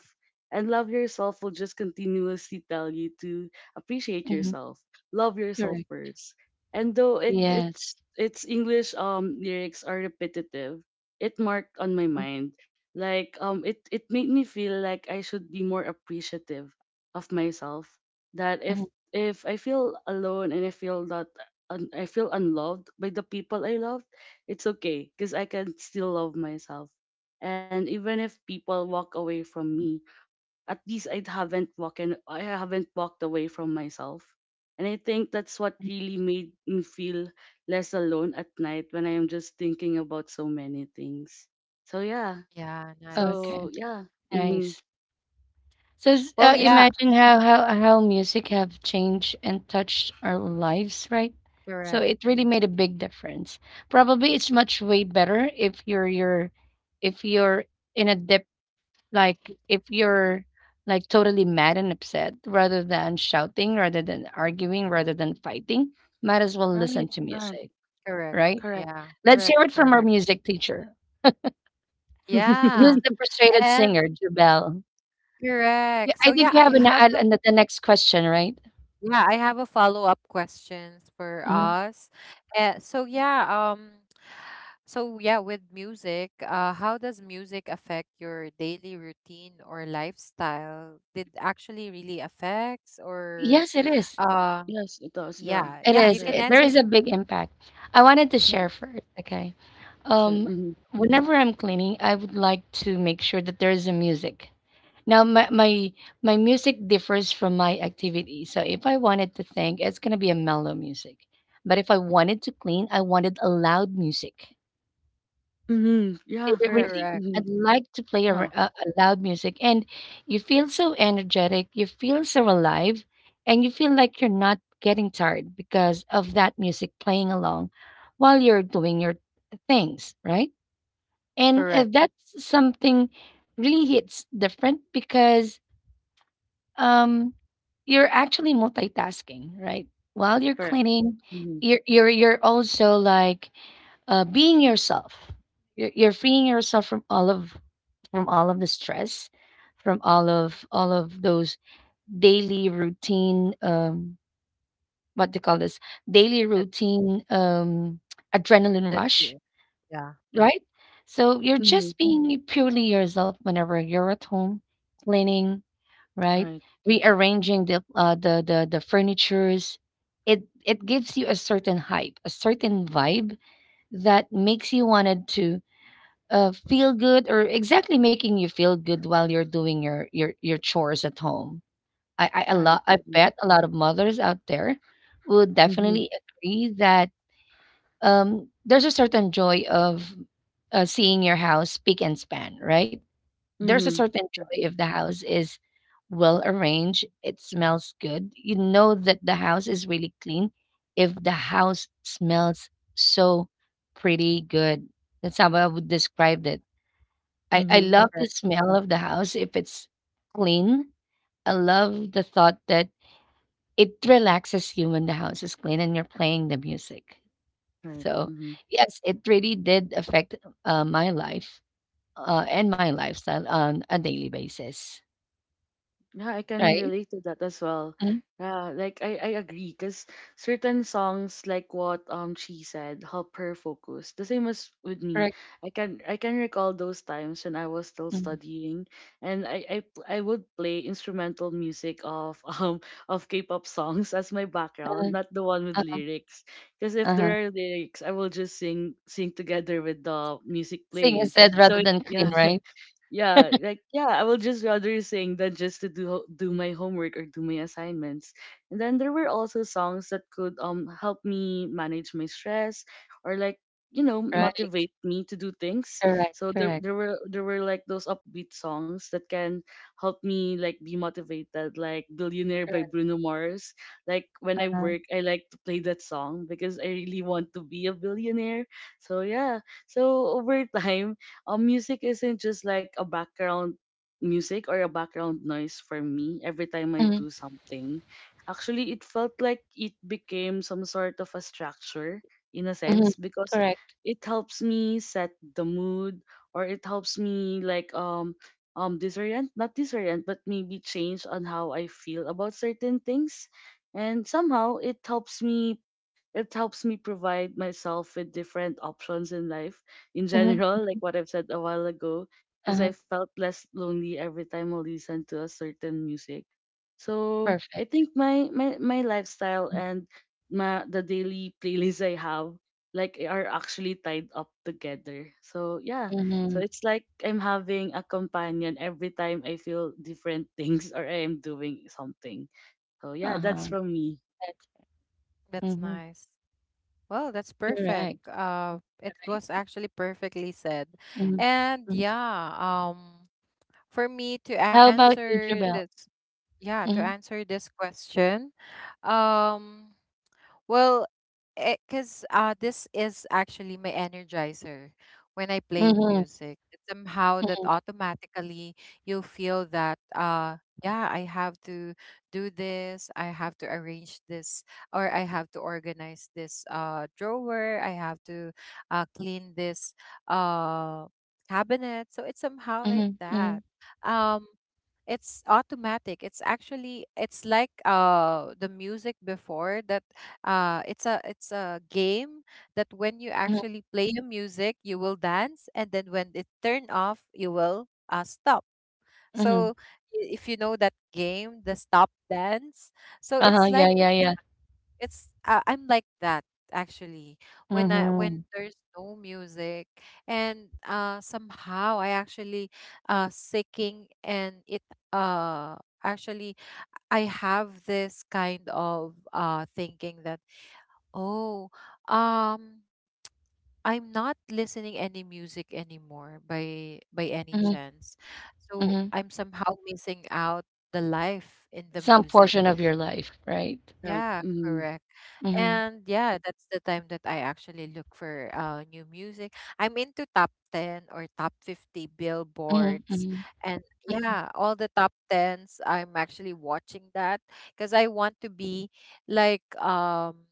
And love yourself will just continuously tell you to appreciate
mhm,
yourself. Love yourself
correct,
first. And though it
yes,
it's its English lyrics are repetitive, it marked on my
mm,
mind. It made me feel like I should be more appreciative of myself. That
mhm,
if I feel alone and I feel that I feel unloved by the people I love, it's okay because I can still love myself. And even if people walk away from me, at least I haven't walked away from myself. And I think that's what really made me feel less alone at night when I am just thinking about so many things. So yeah.
Yeah, nice.
okay,
So yeah. Mm-hmm.
nice. So,
Well,
And
yeah,
imagine how how music have changed and touched our lives, right? So
correct.
it really made a big difference. Probably it's much way better if you're in a dip. Like, if you're like totally mad and upset, rather than shouting, rather than arguing, rather than fighting, might as well listen
right,
to
right,
music,
Correct.
right?
correct,
Yeah,
Let's
correct.
hear it from our
perfect.
music teacher. Who's
Yeah,
the frustrated
and
singer, Jubel? Yeah,
correct.
I
So
think
yeah,
you have
how.
the next question, right?
Yeah, I have a follow-up questions for
Mhm.
us. So yeah, so yeah, with music, how does music affect your daily routine or lifestyle? Did actually really affects? Or
Yes, it is.
uh,
Yes, it does. Yeah,
yeah,
It
yeah, you
is.
can
correct.
There
answer it.
is a big impact. I wanted to
Yeah,
share first, okay?
sure.
Um,
Mm-hmm.
whenever I'm cleaning, I would like to make sure that there is a music. Now my music differs from my activity. So if I wanted to think, it's gonna be a mellow music. But if I wanted to clean, I wanted a loud music.
Mm-hmm.
It-
Yeah,
it
correct.
Really,
Correct,
Mm-hmm.
I'd like to play a loud music, and you feel so energetic. You feel so alive, and you feel like you're not getting tired because of that music playing along while you're doing your things, right? And
correct.
that's something really hits different because um you're actually multitasking, right? While you're
Correct.
cleaning,
Mhm.
you're also like being yourself. You're freeing yourself from all of the stress, from all of those daily routine, what they call this daily
That
routine
that
adrenaline
you
rush,
yeah,
right? So you're
Mhm.
just being purely yourself whenever you're at home cleaning, right?
Right.
Rearranging the furnitures, it gives you a certain hype, a certain vibe that makes you wanted to feel good, or exactly making you feel good while you're doing your chores at home.
Right.
I
Mhm.
bet a lot of mothers out there would
Mhm.
definitely agree that there's a certain joy of seeing your house spick and span, right? There's a
Mhm.
certain
Right.
joy if the house is well arranged, it smells good. You know that the house is really clean if the house smells so pretty good. That's how I would describe it. I
Mhm.
love the
correct.
smell of the house if it's clean. I love the thought that it relaxes you when the house is clean and you're playing the music.
Right.
So,
Mhm.
yes, it really did affect my life and my lifestyle on a daily basis,
Yeah, I can
right?
relate to that as well.
Mhm,
Yeah, like I agree because certain songs like what she said help her focus. The same as with me.
correct.
I can recall those times when I was still
Mhm,
studying and I would play instrumental music of of K-pop songs as my background,
uh-huh,
not the one with
uh-huh,
lyrics. Because if
uh-huh.
there are lyrics, I will just sing together with the music
Sing
playing.
instead
So
rather
it,
than
yeah,
clean, right?
yeah, like yeah, I will just rather sing than just to do my homework or do my assignments. And then there were also songs that could help me manage my stress or like
Right.
motivate me to do things.
Correct,
So there
correct,
there were there were like those upbeat songs that can help me like be motivated, like Billionaire by
correct.
Bruno Mars. Like when I
Uh-huh.
work, I like to play that song because I really want to be a billionaire. So yeah, so over time music isn't just like a background music or a background noise for me every time I
Mhm,
do something. Actually, it felt like it became some sort of a structure in a
mhm,
sense because
correct.
it helps me set the mood or it helps me like disorient, not disorient, but maybe change on how I feel about certain things and somehow it helps me provide myself with different options in life in
Mhm,
general, like what I've said a while ago, because
uh-huh,
I felt less lonely every time I listen to a certain music. So I
perfect.
think my lifestyle and my the daily playlist I have like are actually tied up together. So yeah. So
Mhm,
it's like I'm having a companion every time I feel different things or I am doing something. So yeah,
uh-huh,
that's from me.
that's
That's
mhm,
nice. Well, that's perfect.
correct,
It was
right.
actually perfectly said.
Mhm,
And
mhm.
yeah, um. For me to
How about you,
answer
Jabel?
this, yeah, to
Mhm,
answer this question, um, well, because this is actually my energizer when I played
mhm,
music. It's somehow that
mhm,
automatically you feel that, yeah, I have to do this, I have to arrange this, or I have to organize this drawer, I have to clean this uh, cabinet. So it's somehow like
mhm,
that.
mhm,
Um, it's automatic, it's actually, it's like the music before, that it's a game, that when you
mhm,
actually play a music, you will dance, and then when it turn off, you will stop. So
mhm.
if you know that game, the stop dance. So
Uh-huh,
it's
yeah,
like,
yeah, yeah.
it's I'm like that actually, when I when
Mhm,
there's no music, and somehow I actually seeking, and it uh actually, I have this kind of thinking that, oh, um, I'm not listening any music anymore by any
mhm,
chance. So
mhm.
I'm somehow missing out the life in the
Some
music.
portion of your life, right?
Right.
Yeah,
Mm-hmm.
correct.
Mhm,
And yeah, that's the time that I actually look for new music. I'm into top 10 or top 50
mhm,
billboards,
mhm,
and yeah, all the top 10s I'm actually watching that, because I want to be like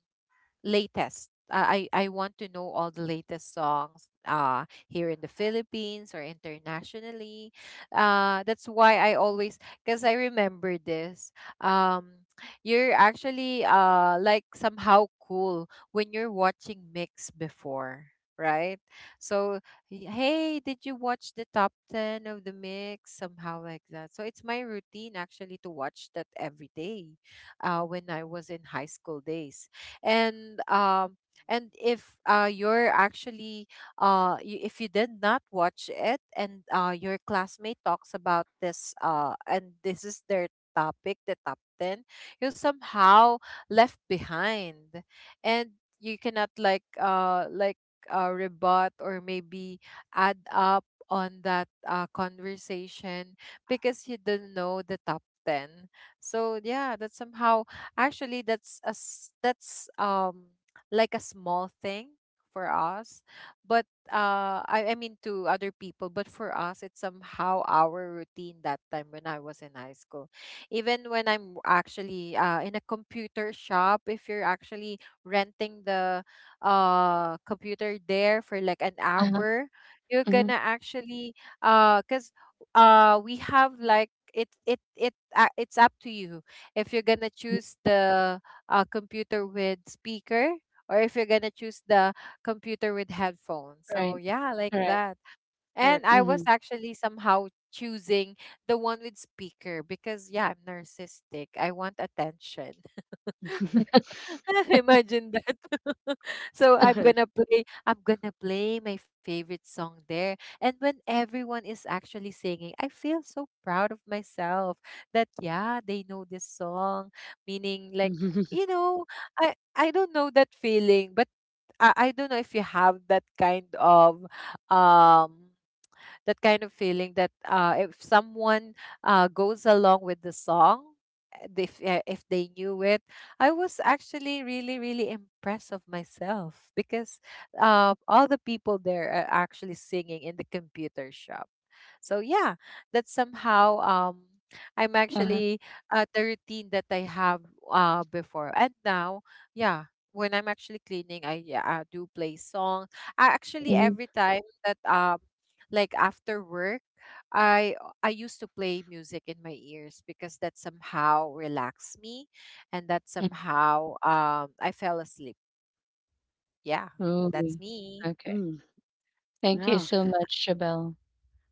latest. I want to know all the latest songs here in the Philippines or internationally. That's why I always, because I remember this. Um you're actually like somehow cool when you're watching mix before, right? So hey, did you watch the top 10 of the mix, somehow like that? So it's my routine actually to watch that every day when I was in high school days. And and if you're actually, if you did not watch it, and your classmate talks about this, and this is their topic, the top 10, you're somehow left behind, and you cannot like like rebut, or maybe add up on that conversation, because you didn't know the top 10. So yeah, that's somehow, actually, that's a s that's like a small thing for us, but I mean to other people, but for us it's somehow our routine that time when I was in high school. Even when I'm actually in a computer shop, if you're actually renting the computer there for like an
uh-huh,
hour, you're gonna
mhm,
actually cuz we have like it's up to you if you're gonna
mhm,
choose the computer with speaker, or if you're gonna choose the computer with headphones.
right.
So yeah, like
Right.
that. And
Correct.
I was
Mm-hmm.
actually somehow choosing the one with speaker, because yeah, I'm narcissistic. I want attention. Imagine that. So
Right.
I'm gonna play my favorite song there. And when everyone is actually singing, I feel so proud of myself that yeah, they know this song. Meaning like,
Mhm.
you know, I don't know that feeling, but I don't know if you have um that kind of feeling that if someone goes along with the song, if they knew it, I was actually really really impressed of myself, because all the people there are actually singing in the computer shop. So yeah, that's somehow, I'm
Uh-huh.
actually the routine that I have before and now. Yeah, when I'm actually cleaning, yeah, I do play songs. I actually
Mhm.
every time that like after work, I used to play music in my ears, because that somehow relaxed me, and that
Mm.
somehow I fell asleep. Yeah,
Ooh,
that's me.
okay.
Mm.
Thank you
Yeah.
so much, Shabelle.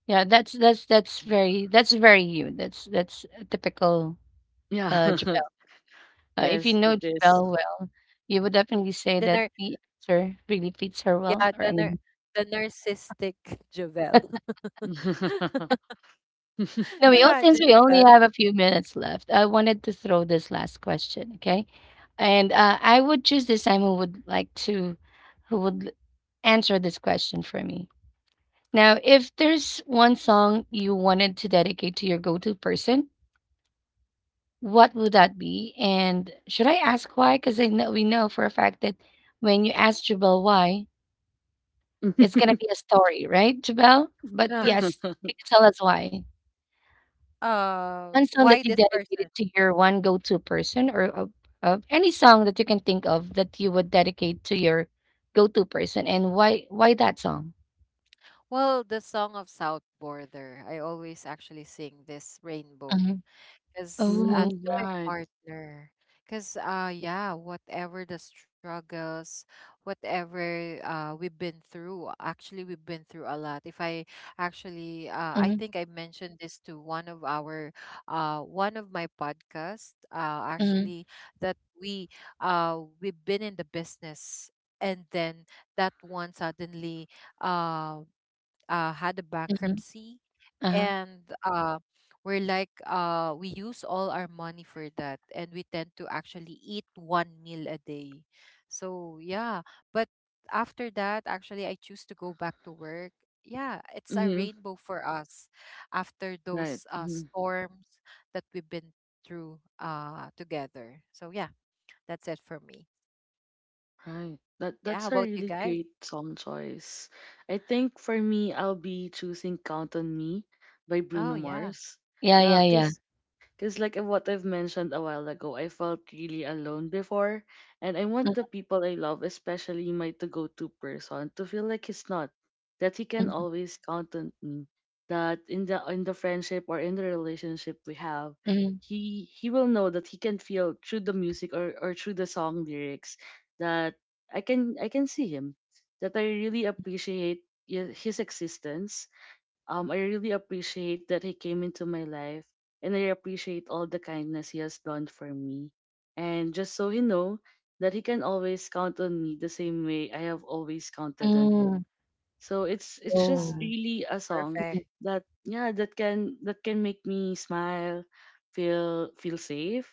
Yeah, that's very you. That's a typical
Yeah.
Jabelle. If you
Yes,
know
it is.
Jabelle well, you would definitely
The
say
nar-
that the answer really fits her
yeah
well.
the
Or I
nar-
mean,
The narcissistic Jovel.
no, we all, since
Imagine
we
that.
only have a few minutes left, I wanted to throw this last question, okay? And I would choose the who would like to who would answer this question for me. Now, if there's one song you wanted to dedicate to your go-to person, what would that be? And should I ask why? Because I know we know for a fact that when you ask Jabel why, it's gonna be a story, right, Jabel?
Of
But
Yeah.
course,
yes, can you tell us why? One song that
why
you
this
dedicated
person.
to your one go-to person, or of any song that you can think of that you would dedicate to your go-to person, and why that song?
Well, the song of South Border, I always actually sing this, "Rainbow,"
Mhm.
because
Oh,
Mm,
to my
right.
partner. Because yeah, whatever the struggles, whatever we've been through, actually we've been through a lot. If I
mhm,
think I mentioned this to one of our one of my podcast
mhm,
actually, that we've been in the business, and then that one suddenly um had a
mhm.
bankruptcy.
Uh-huh.
And we're like, we use all our money for that, and we tend to actually eat one meal a day. So yeah, but after that actually, I choose to go back to work. Yeah, it's
Hmm.
a rainbow for us after
Right.
those
Hmm.
storms that we've been through together. So yeah, that's it for me.
Right. That that's a
Yeah, how about
really
you
great
guys?
song choice. I think for me, I'll be choosing "Count on Me" by Bruno
Oh
Mars.
yeah.
Yeah,
Yeah,
yeah, yeah.
cause because, like what I've mentioned a while ago, I felt really alone before, and I want the people I love, especially my to go to person, to feel like he's not, that he can
Mhm,
always count on me, that in the friendship or in the relationship we have,
mhm,
he will know that he can feel through the music or through the song lyrics that I can see him, that I really appreciate his existence, I really appreciate that he came into my life and I appreciate all the kindness he has done for me. And just so he know that he can always count on me the same way I have always counted on
mm.
him. So it's just
uh,
Oh.
really a song
Mhm,
Perfect.
that yeah that can make me smile, feel safe,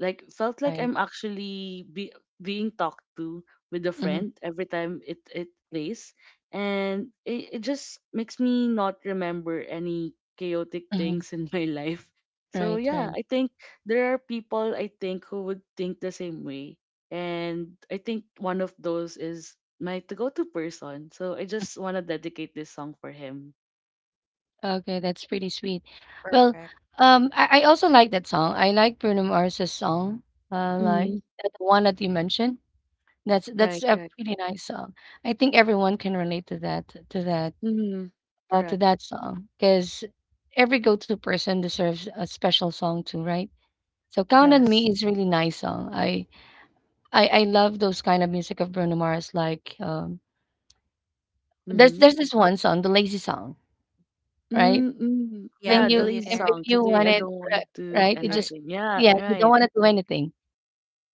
like felt like
right.
I'm actually be, being talked to with a
Mhm,
friend every time it plays, and it just makes me not remember any chaotic
mhm.
things in my life. So
Right,
yeah,
right.
I think there are people I think who would think the same way, and I think one of those is my to go to person. So I just want to dedicate this song for him.
Okay, that's pretty sweet. Well,
Perfect.
I also like that song. I like Bruno Mars's song, like
Mm-hmm.
that one that you mentioned. That's
Right,
a
right.
pretty nice song. I think everyone can relate to that
Mm-hmm.
to
Correct.
that song because every go-to person deserves a special song too, right? So "Count on
Yes.
Me" is really nice song. I love those kind of music of Bruno Mars, like There's
Mm-hmm.
there's this one song, the lazy song, right?
Mm-hmm.
Yeah,
Yeah,
When
the
you
lazy
if
billionaire.
song.
you
Today
want
I
it,
don't want
ri
to do
right? It
I.
just
anything. Yeah,
yeah, you don't
right.
wanna do anything,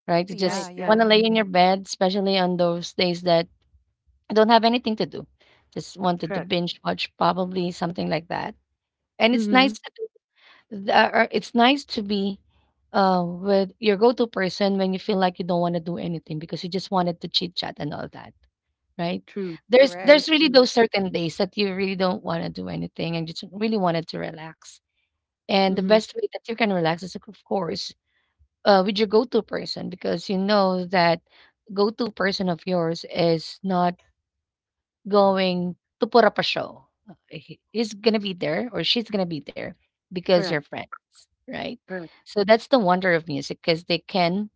right? You
Right,
Yeah,
just
right.
wanna
yeah.
lay in your bed, especially on those days that you don't have anything to do. Just wanted to
Correct.
binge watch probably something like that. And it's
Mm-hmm.
nice to do or it's nice to be, with your go-to person when you feel like you don't wanna do anything because you just wanted to chit chat and all that. Right?
True. That
There's
is
Correct.
really
true.
those certain days that you really don't want to do anything and you just really wanted to relax. And the
Mm-hmm.
best way that you can relax is, of course, with your go-to person because you know that go-to person of yours is not going to put up a show. He's gonna be there or she's gonna be there because you're
Correct.
friends, right?
Correct.
So that's the wonder of music because they can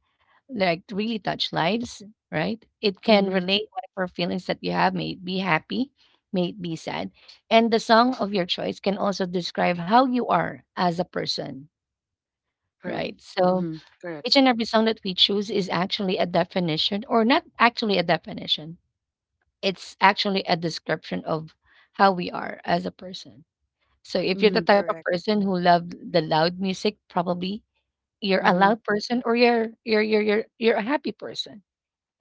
like really touch lives, right? It can
Mm-hmm.
relate whatever feelings that you have, may it be happy, may it be sad. And the song of your choice can also describe how you are as a person,
Correct.
right? So
Mm-hmm. Correct.
each and every song that we choose is actually a definition, or not actually a definition, it's actually a description of how we are as a person. So if you're
Mm-hmm.
the type of
Correct.
person who love the loud music, probably you're a
Mm-hmm.
loud person or you're a happy person.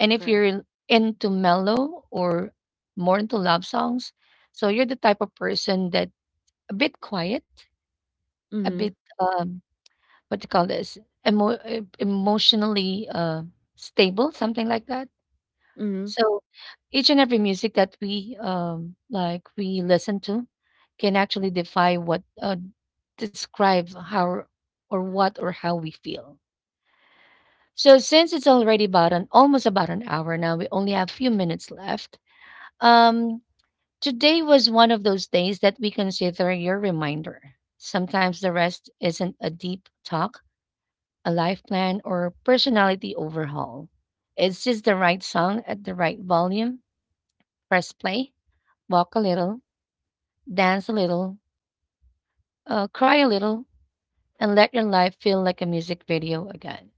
And if
Correct.
you're into mellow or more into love songs, so you're the type of person that a bit quiet, a
Mm-hmm.
bit what do you call this? Emotionally stable, something like that.
Mm-hmm.
So each and every music that we like we listen to can actually defy what describe how or what or how we feel. So since it's already about an almost about an hour now, we only have few minutes left. Um, Today was one of those days that we consider your reminder. Sometimes the rest isn't a deep talk, a life plan, or personality overhaul. It's just the right song at the right volume. Press play, walk a little, dance a little, cry a little, and let your life feel like a music video again.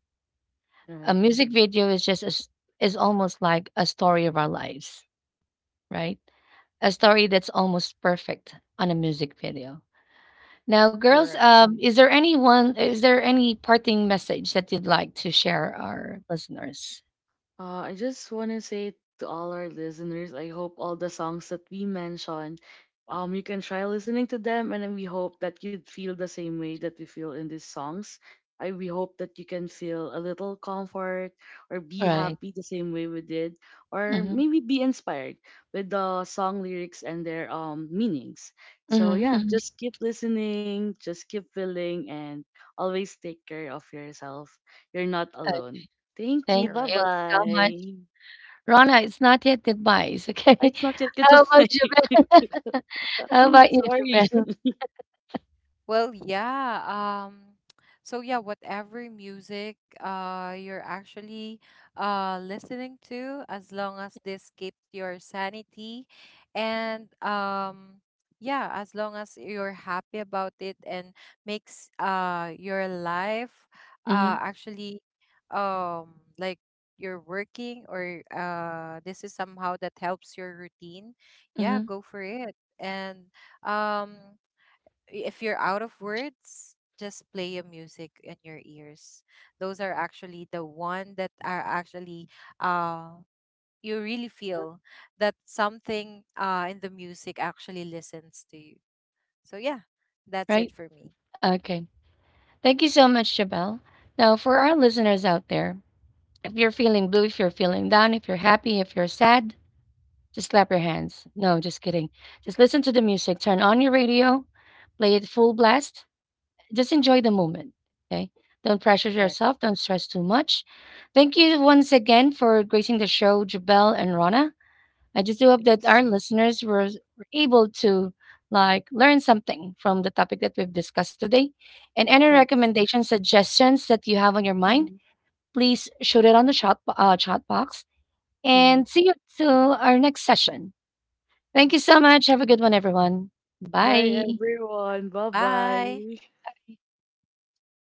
A
Right.
music video is just as is almost like a story of our lives, right? A story that's almost perfect on a music video. Now, girls,
Correct.
is there anyone? Is there any parting message that you'd like to share our listeners?
I just want to say to all our listeners, I hope all the songs that we mentioned, you can try listening to them, and then we hope that you'd feel the same way that we feel in these songs. I we hope that you can feel a little comfort or be
Right.
happy the same way we did, or
Hmm.
maybe be inspired with the song lyrics and their meanings. So yeah,
Hmm.
just keep listening, just keep feeling, and always take care of yourself. You're not alone. Thank you.
Thank
Bye
you
Correct.
so much,
bye.
Rana. It's not yet advice, okay?
It's not yet
How about
goodbye.
Jabel? How about you,
Sorry.
Jabel?
Well, yeah. Um, so yeah, whatever music you're actually listening to, as long as this keeps your sanity, and yeah, as long as you're happy about it, and makes your life
Hmm.
actually like, you're working, or this is somehow that helps your routine, yeah,
Hmm.
go for it. And um if you're out of words, just play a music in your ears. Those are actually the one that are actually uh you really feel that something in the music actually listens to you. So yeah, that's it
Right.
for me.
Okay. Thank you so much, Jabel. Now, for our listeners out there, if you're feeling blue, if you're feeling down, if you're happy, if you're sad, just clap your hands. No, just kidding. Just listen to the music. Turn on your radio, play it full blast. Just enjoy the moment. Okay. Don't pressure
Correct.
yourself. Don't stress too much. Thank you once again for gracing the show, Jabel and Rana. I just do hope that our
Yes.
listeners were able to like learn something from the topic that we've discussed today. And any
Right.
recommendations, suggestions that you have on your mind,
Hmm.
please shoot it on the chat box.
Hmm.
And see you till our next session. Thank you so much. Have a good one, everyone.
Bye,
Bye.
everyone. Bye
Bye.
bye.